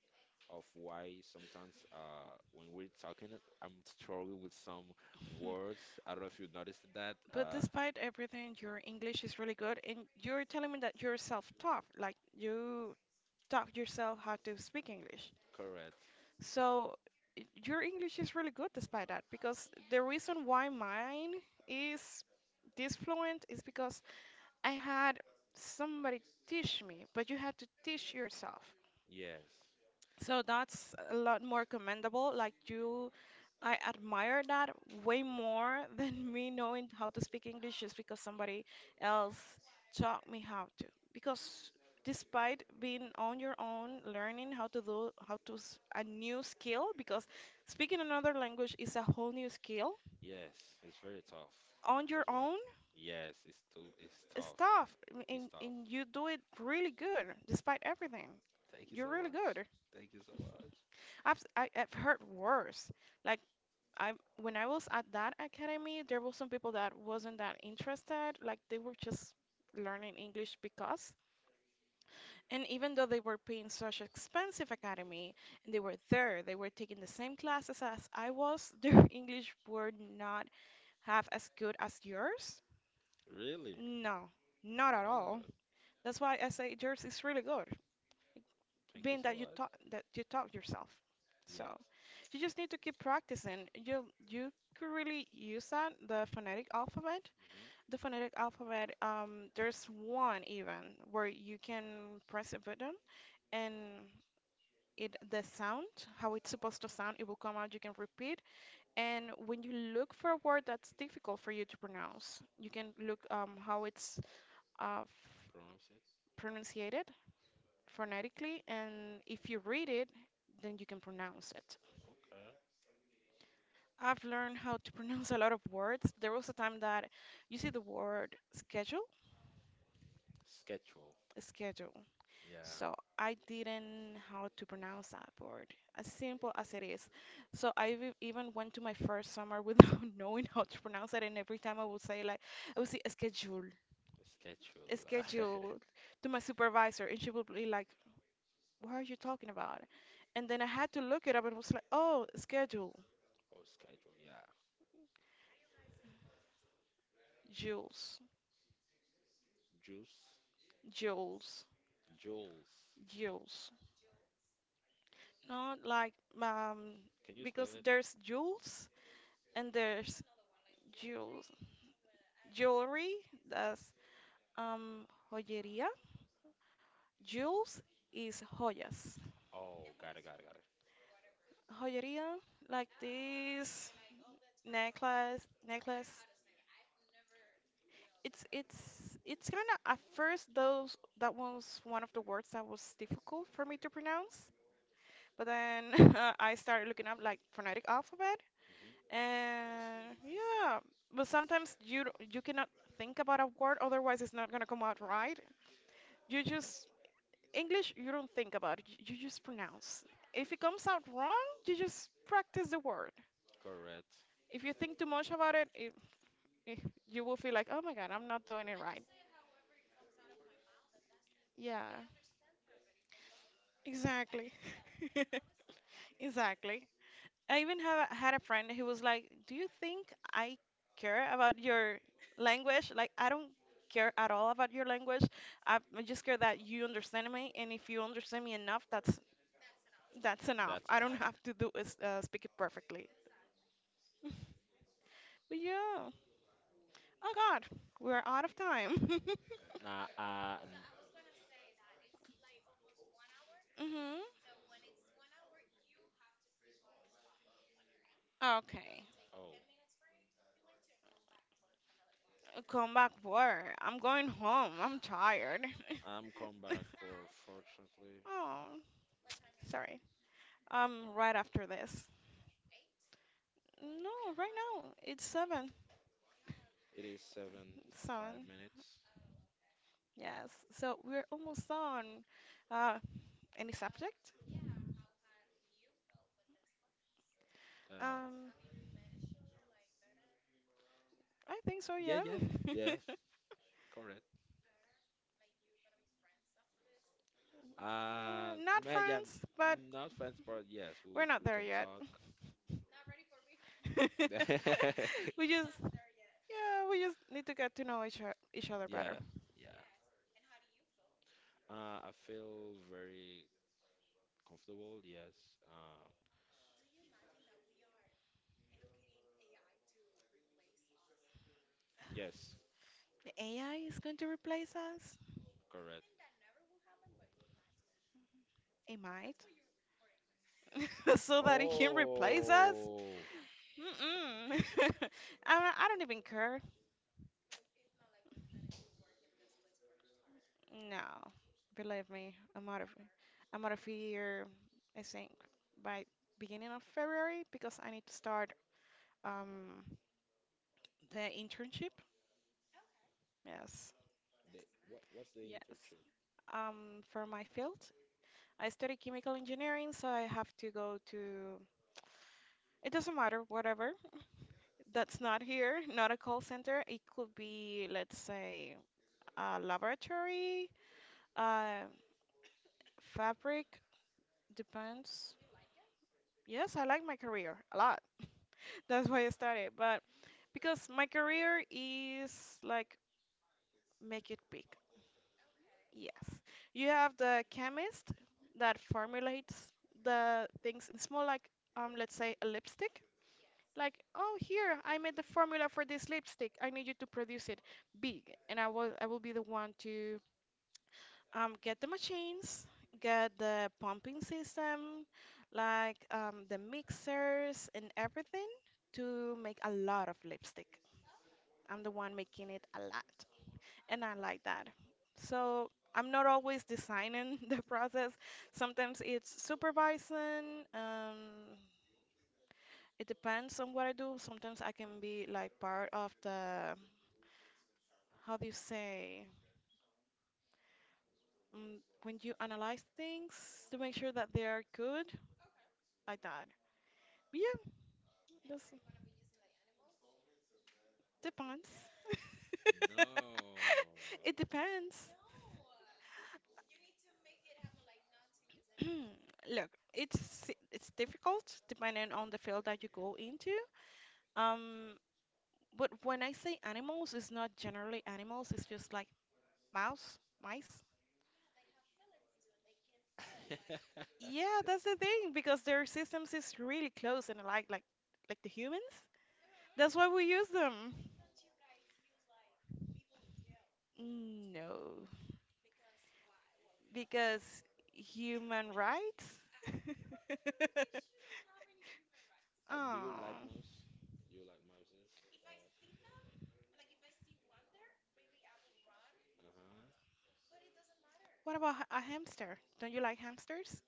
[SPEAKER 1] of why sometimes when we're talking, I'm struggling with some
[SPEAKER 2] Hmm. (laughs)
[SPEAKER 1] words. I don't know if you noticed that.
[SPEAKER 2] But despite everything, your English is really good, and you're telling me that you're self-taught, like you taught yourself how to speak English.
[SPEAKER 1] Correct.
[SPEAKER 2] So your English is really good despite that, because the reason why mine is this fluent is because I had somebody teach me, but you had to teach yourself.
[SPEAKER 1] Yes.
[SPEAKER 2] So that's a lot more commendable. Like you, I admire that way more (laughs) than me knowing how to speak English just because somebody else taught me how to. Because despite being on your own, learning how to do a new skill, because speaking another language is a whole new skill
[SPEAKER 1] Yes, it's very tough
[SPEAKER 2] on
[SPEAKER 1] as
[SPEAKER 2] your
[SPEAKER 1] well.
[SPEAKER 2] own
[SPEAKER 1] Yes, it's too, it's
[SPEAKER 2] is
[SPEAKER 1] tough.
[SPEAKER 2] tough, and,
[SPEAKER 1] It's
[SPEAKER 2] and
[SPEAKER 1] tough.
[SPEAKER 2] and you do it really good despite everything.
[SPEAKER 1] Thank you
[SPEAKER 2] You're
[SPEAKER 1] so
[SPEAKER 2] really
[SPEAKER 1] much.
[SPEAKER 2] good.
[SPEAKER 1] Thank you so much.
[SPEAKER 2] (laughs) I've heard worse. Like I when I was at that academy, there were some people that wasn't that interested, like they were just learning English because. And even though they were paying such expensive academy and they were there, they were taking the same classes as I was, (laughs) their English were not half as good as yours. No, not at
[SPEAKER 1] Wow.
[SPEAKER 2] all. That's why I say yours is really good,
[SPEAKER 1] Thank you
[SPEAKER 2] being
[SPEAKER 1] so much.
[SPEAKER 2] that you taught yourself. So
[SPEAKER 1] Yes.
[SPEAKER 2] you just need to keep practicing. You could really use that the phonetic alphabet.
[SPEAKER 1] Hmm.
[SPEAKER 2] The phonetic alphabet, there's one even where you can press a button and it the sound, how it's supposed to sound, it will come out, you can repeat. And when you look for a word that's difficult for you to pronounce, you can look uh, f-
[SPEAKER 1] Pronounce it.
[SPEAKER 2] pronunciated phonetically, and if you read it, then you can pronounce it.
[SPEAKER 1] Okay.
[SPEAKER 2] I've learned how to (laughs) pronounce a lot of words. There was a time that you see the word schedule,
[SPEAKER 1] Schedule.
[SPEAKER 2] schedule.
[SPEAKER 1] Yeah.
[SPEAKER 2] So I didn't how to pronounce that word, as simple as it is. So even went to my first summer without (laughs) knowing how to pronounce it, and every time I would say like, I would say schedule,
[SPEAKER 1] Schedule. (laughs)
[SPEAKER 2] schedule to my supervisor, and she would be like, "What are you talking about?" And then I had to look it up, and it was like, "Oh, schedule,
[SPEAKER 1] Oh, schedule. Yeah.
[SPEAKER 2] Jules,
[SPEAKER 1] Juice.
[SPEAKER 2] Jules,
[SPEAKER 1] Jules.
[SPEAKER 2] Jules." Not like um
[SPEAKER 1] Can you spell
[SPEAKER 2] because
[SPEAKER 1] it?
[SPEAKER 2] there's Jules and there's Jules jewelry, that's Um, joyería. Jewels is joyas.
[SPEAKER 1] Oh, got it, got it, got it.
[SPEAKER 2] Joyería, like this necklace. It's kind of at first those that was one of the words that was difficult for me to pronounce, but then (laughs) I started looking up like phonetic alphabet,
[SPEAKER 1] Hmm.
[SPEAKER 2] and yeah. But sometimes you cannot think about a word, otherwise it's not gonna come out right. You just English, you don't think about it, you just pronounce. If it comes out wrong, you just practice the word.
[SPEAKER 1] Correct.
[SPEAKER 2] If you think too much about it, it, eh, you will feel like, oh my God, I'm not doing it right. Yeah, exactly. (laughs) Exactly. Had a friend who was like, "Do you think I care about your language? Like, I don't care at all about your language. I just care that you understand me, and if you understand me enough, that's enough.
[SPEAKER 1] That's it.
[SPEAKER 2] I don't have
[SPEAKER 1] (laughs)
[SPEAKER 2] to do is speak it perfectly." (laughs) Yeah. Oh God, we're out of time. (laughs)
[SPEAKER 1] Nah,
[SPEAKER 2] Mhm. Okay.
[SPEAKER 1] oh,
[SPEAKER 2] Come back where? I'm going home. I'm tired.
[SPEAKER 1] I'm come back,
[SPEAKER 2] (laughs)
[SPEAKER 1] or fortunately,
[SPEAKER 2] Oh, sorry. Right after this. No, right now it's seven.
[SPEAKER 1] it is seven five
[SPEAKER 2] Seven.
[SPEAKER 1] minutes.
[SPEAKER 2] Yes. So we're almost done. Uh, any subject?
[SPEAKER 1] Uh,
[SPEAKER 2] Um, I think so.
[SPEAKER 1] yeah,
[SPEAKER 2] Yeah.
[SPEAKER 1] yeah, yeah,
[SPEAKER 2] (laughs)
[SPEAKER 1] correct.
[SPEAKER 2] Not
[SPEAKER 1] Yeah,
[SPEAKER 2] France, but
[SPEAKER 1] not fans, but yes, we
[SPEAKER 2] we're
[SPEAKER 1] we
[SPEAKER 2] not
[SPEAKER 1] we
[SPEAKER 2] there
[SPEAKER 1] can
[SPEAKER 2] yet.
[SPEAKER 1] talk.
[SPEAKER 2] (laughs) We
[SPEAKER 1] (laughs)
[SPEAKER 2] just. Yeah, we just need to get to know each other better.
[SPEAKER 1] Yeah, yeah. I feel very comfortable. Yes. Uh, yes,
[SPEAKER 2] The AI is going to replace us.
[SPEAKER 1] correct.
[SPEAKER 2] It might. (laughs) So that it can replace us?
[SPEAKER 1] Oh,
[SPEAKER 2] Mm-mm. (laughs) I don't even care. No. Believe me, I'm out of here, I think, by beginning of February because I need to start um the internship. Yes.
[SPEAKER 1] the what? What's the
[SPEAKER 2] Yes.
[SPEAKER 1] internship?
[SPEAKER 2] For my field, I study chemical engineering, so I have to go to, it doesn't matter, whatever. That's not here, not a call center. It could be, let's say, a laboratory, uh, fabric, depends. Yes, I like my career a lot. (laughs) That's why I started. But because my career is like make it big. Yes. You have the chemist that formulates the things in small, like, let's say, a lipstick. Like, oh, here, I made the formula for this lipstick. I need you to produce it big, and I will be the one to, get the machines, get the pumping system, like the mixers and everything to make a lot of lipstick. I'm the one making it a lot, and I like that. So I'm not always designing (laughs) the process. Sometimes it's supervising. It depends on what I do. Sometimes I can be like part of the, how do you say, when you analyze things to make sure that they are good, like that. Yeah, this depends. (laughs)
[SPEAKER 1] No.
[SPEAKER 2] It depends. (clears throat) Look, it's difficult depending on the field that you go into. Um, but when I say animals, it's not generally animals. It's just like mouse, mice. Yeah,
[SPEAKER 1] (laughs)
[SPEAKER 2] that's the thing because their systems is really close and like the humans. That's why we use them. No, because human rights. (laughs)
[SPEAKER 1] Do you like
[SPEAKER 2] Oh.
[SPEAKER 1] mouse? Do you like mouses? Uh huh.
[SPEAKER 2] What about a hamster? Don't you like hamsters?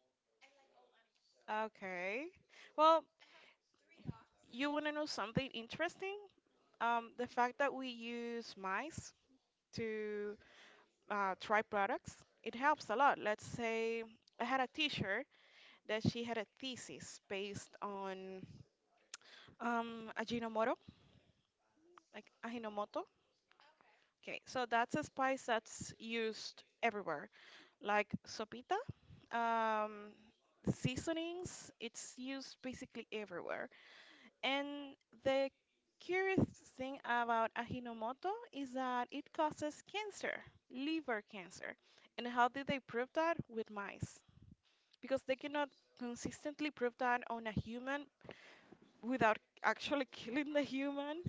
[SPEAKER 2] Okay. Well, you want to know something interesting? The fact that we use mice to try products, it helps a lot. Let's say I had a teacher that she had a thesis based on Ajinomoto, like Ajinomoto. Okay, so that's a spice that's used everywhere, like sopita, um, seasonings. It's used basically everywhere. And the curious thing about Ajinomoto is that it causes cancer, liver cancer. And how did they prove that? With mice. Because they cannot consistently prove that on a human without actually (laughs) killing the human.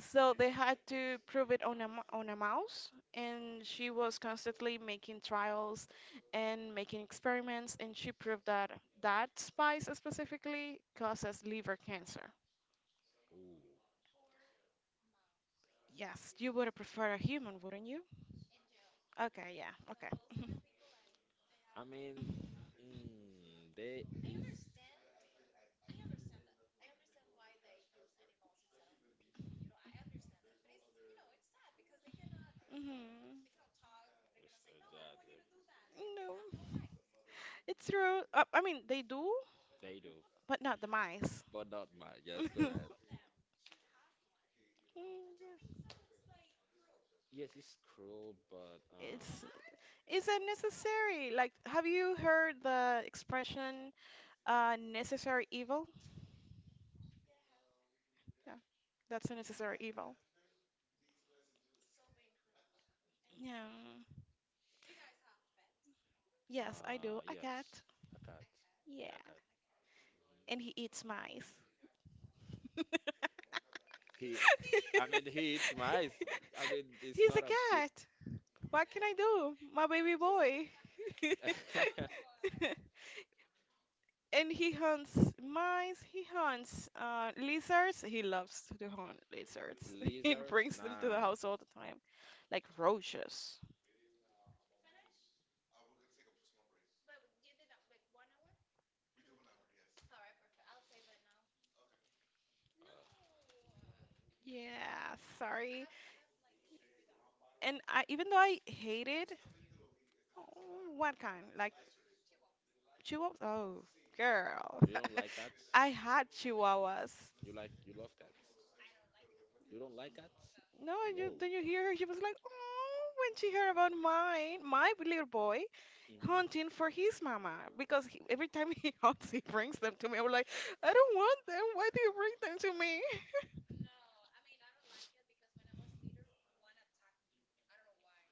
[SPEAKER 2] So they had to prove it on a, on a mouse. And she was constantly making trials and making experiments. And she proved that that spice specifically causes liver cancer.
[SPEAKER 1] Ooh.
[SPEAKER 2] Yes, you would have preferred a human, wouldn't you? Okay, yeah, okay. (laughs)
[SPEAKER 1] I mean, mm, they is.
[SPEAKER 2] Hmm.
[SPEAKER 1] Yes, exactly.
[SPEAKER 2] No, it's true. I mean, they do,
[SPEAKER 1] They do.
[SPEAKER 2] but not the mice.
[SPEAKER 1] But not mine. Yes,
[SPEAKER 2] (laughs)
[SPEAKER 1] correct.
[SPEAKER 2] Mm,
[SPEAKER 1] Yes, it's cruel, but
[SPEAKER 2] It's it's unnecessary. Like, have you heard the expression necessary evil? Yeah, that's a necessary evil. Yeah. Yes, I do. A cat.
[SPEAKER 1] yes, a cat.
[SPEAKER 2] Yeah,
[SPEAKER 1] Yeah, a cat.
[SPEAKER 2] and he eats mice. (laughs)
[SPEAKER 1] He, I mean, he eats mice. I mean, it's
[SPEAKER 2] He's a
[SPEAKER 1] not a good.
[SPEAKER 2] cat. What can I do? My baby boy.
[SPEAKER 1] (laughs)
[SPEAKER 2] (laughs) And he hunts mice, he hunts lizards. He loves to hunt lizards. (laughs) He
[SPEAKER 1] Lizards?
[SPEAKER 2] brings them to the
[SPEAKER 1] Nah.
[SPEAKER 2] house all the time, like roaches.
[SPEAKER 1] Uh,
[SPEAKER 2] Yeah, sorry. And I, even though I hate it, oh, what kind? Like chihuahuas? Oh, girl.
[SPEAKER 1] you don't like cats?
[SPEAKER 2] (laughs) I had chihuahuas.
[SPEAKER 1] You like, you love cats? You don't like cats?
[SPEAKER 2] No, you,
[SPEAKER 1] Whoa.
[SPEAKER 2] did you hear her? She was like, oh, when she heard about mine, my little boy.
[SPEAKER 1] Hmm.
[SPEAKER 2] Hunting for his mama because he, every time he (laughs) hunts, he brings them to me. I'm like, I don't want them. Why do you bring them to me? (laughs)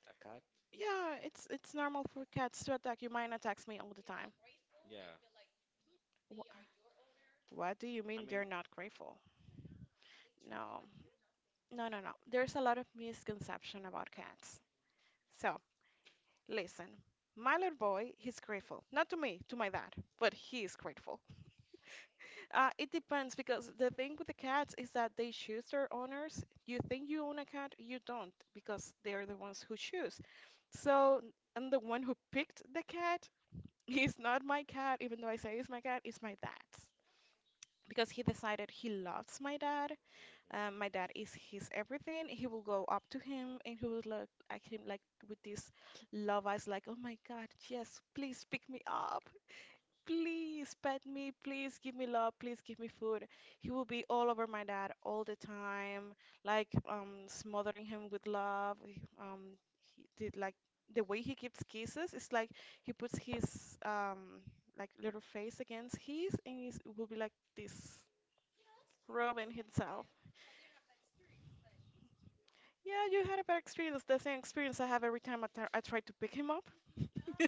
[SPEAKER 1] A cat?
[SPEAKER 2] Yeah, it's normal for cats to attack you. Mine attacks me all the time.
[SPEAKER 1] Yeah.
[SPEAKER 2] Wh- What do you
[SPEAKER 1] I
[SPEAKER 2] mean they're
[SPEAKER 1] mean,
[SPEAKER 2] not grateful? No, no, no, no. There's a lot of misconception about cats. So listen, my little boy, he's grateful. Not to me, to my dad, but he is grateful. It depends because the thing with the cats is that they choose their owners. You think you own a cat, you don't because they're the ones who choose. So I'm the one who picked the cat. (laughs) He's not my cat, even though I say he's my cat, it's my dad's. Because he decided he loves my dad. My dad is his everything. He will
[SPEAKER 1] hmm
[SPEAKER 2] go up to him and he will look at him like with this love eyes, like, oh my God, yes, please pick me up, please pet me, please give me love, please give me food. He would be all over my dad all the time, like smothering him with love. He did like the way he gives kisses. It's like he puts his um, like little face against his, and he's, it will be like this, rubbing himself. Yeah, you had a bad experience. The same experience I have every time I try to pick him up. (laughs)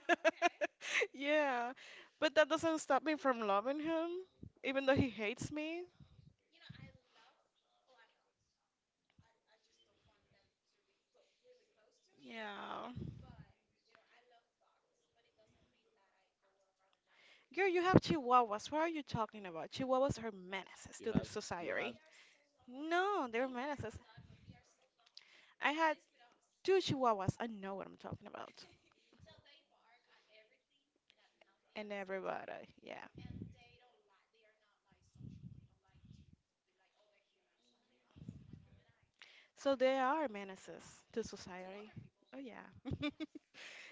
[SPEAKER 2] Yeah, but that doesn't stop me from loving him, even though he hates me. Yeah. Girl, you have chihuahuas. What are you talking about? Chihuahuas are menaces
[SPEAKER 1] you
[SPEAKER 2] to the
[SPEAKER 1] have, you
[SPEAKER 2] society.
[SPEAKER 1] have.
[SPEAKER 2] No, they're menaces. I had two chihuahuas. I know what I'm talking about. And everybody, yeah. So they are menaces to society. Oh yeah.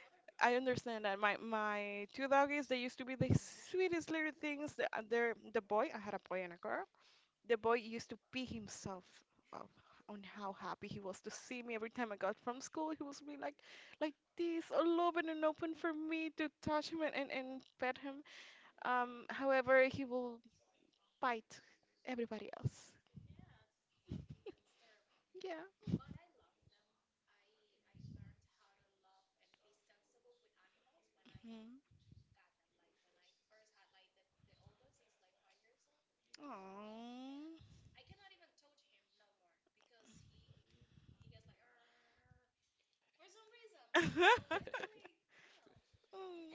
[SPEAKER 2] (laughs) I understand that. My two doggies, they used to be the sweetest little things. They're the boy. I had a boy and a girl. The boy used to pee himself up on how happy he was to see me every time I got from school. He was be like this, all open and open for me to touch him and pet him. However, he will bite everybody else. Yeah. Mm. Aw. (laughs)
[SPEAKER 1] (laughs)
[SPEAKER 2] Mm.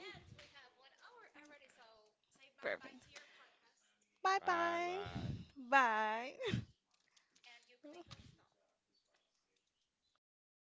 [SPEAKER 2] Perfect. Bye
[SPEAKER 1] Bye,
[SPEAKER 2] bye.
[SPEAKER 1] bye.
[SPEAKER 2] Bye. (laughs)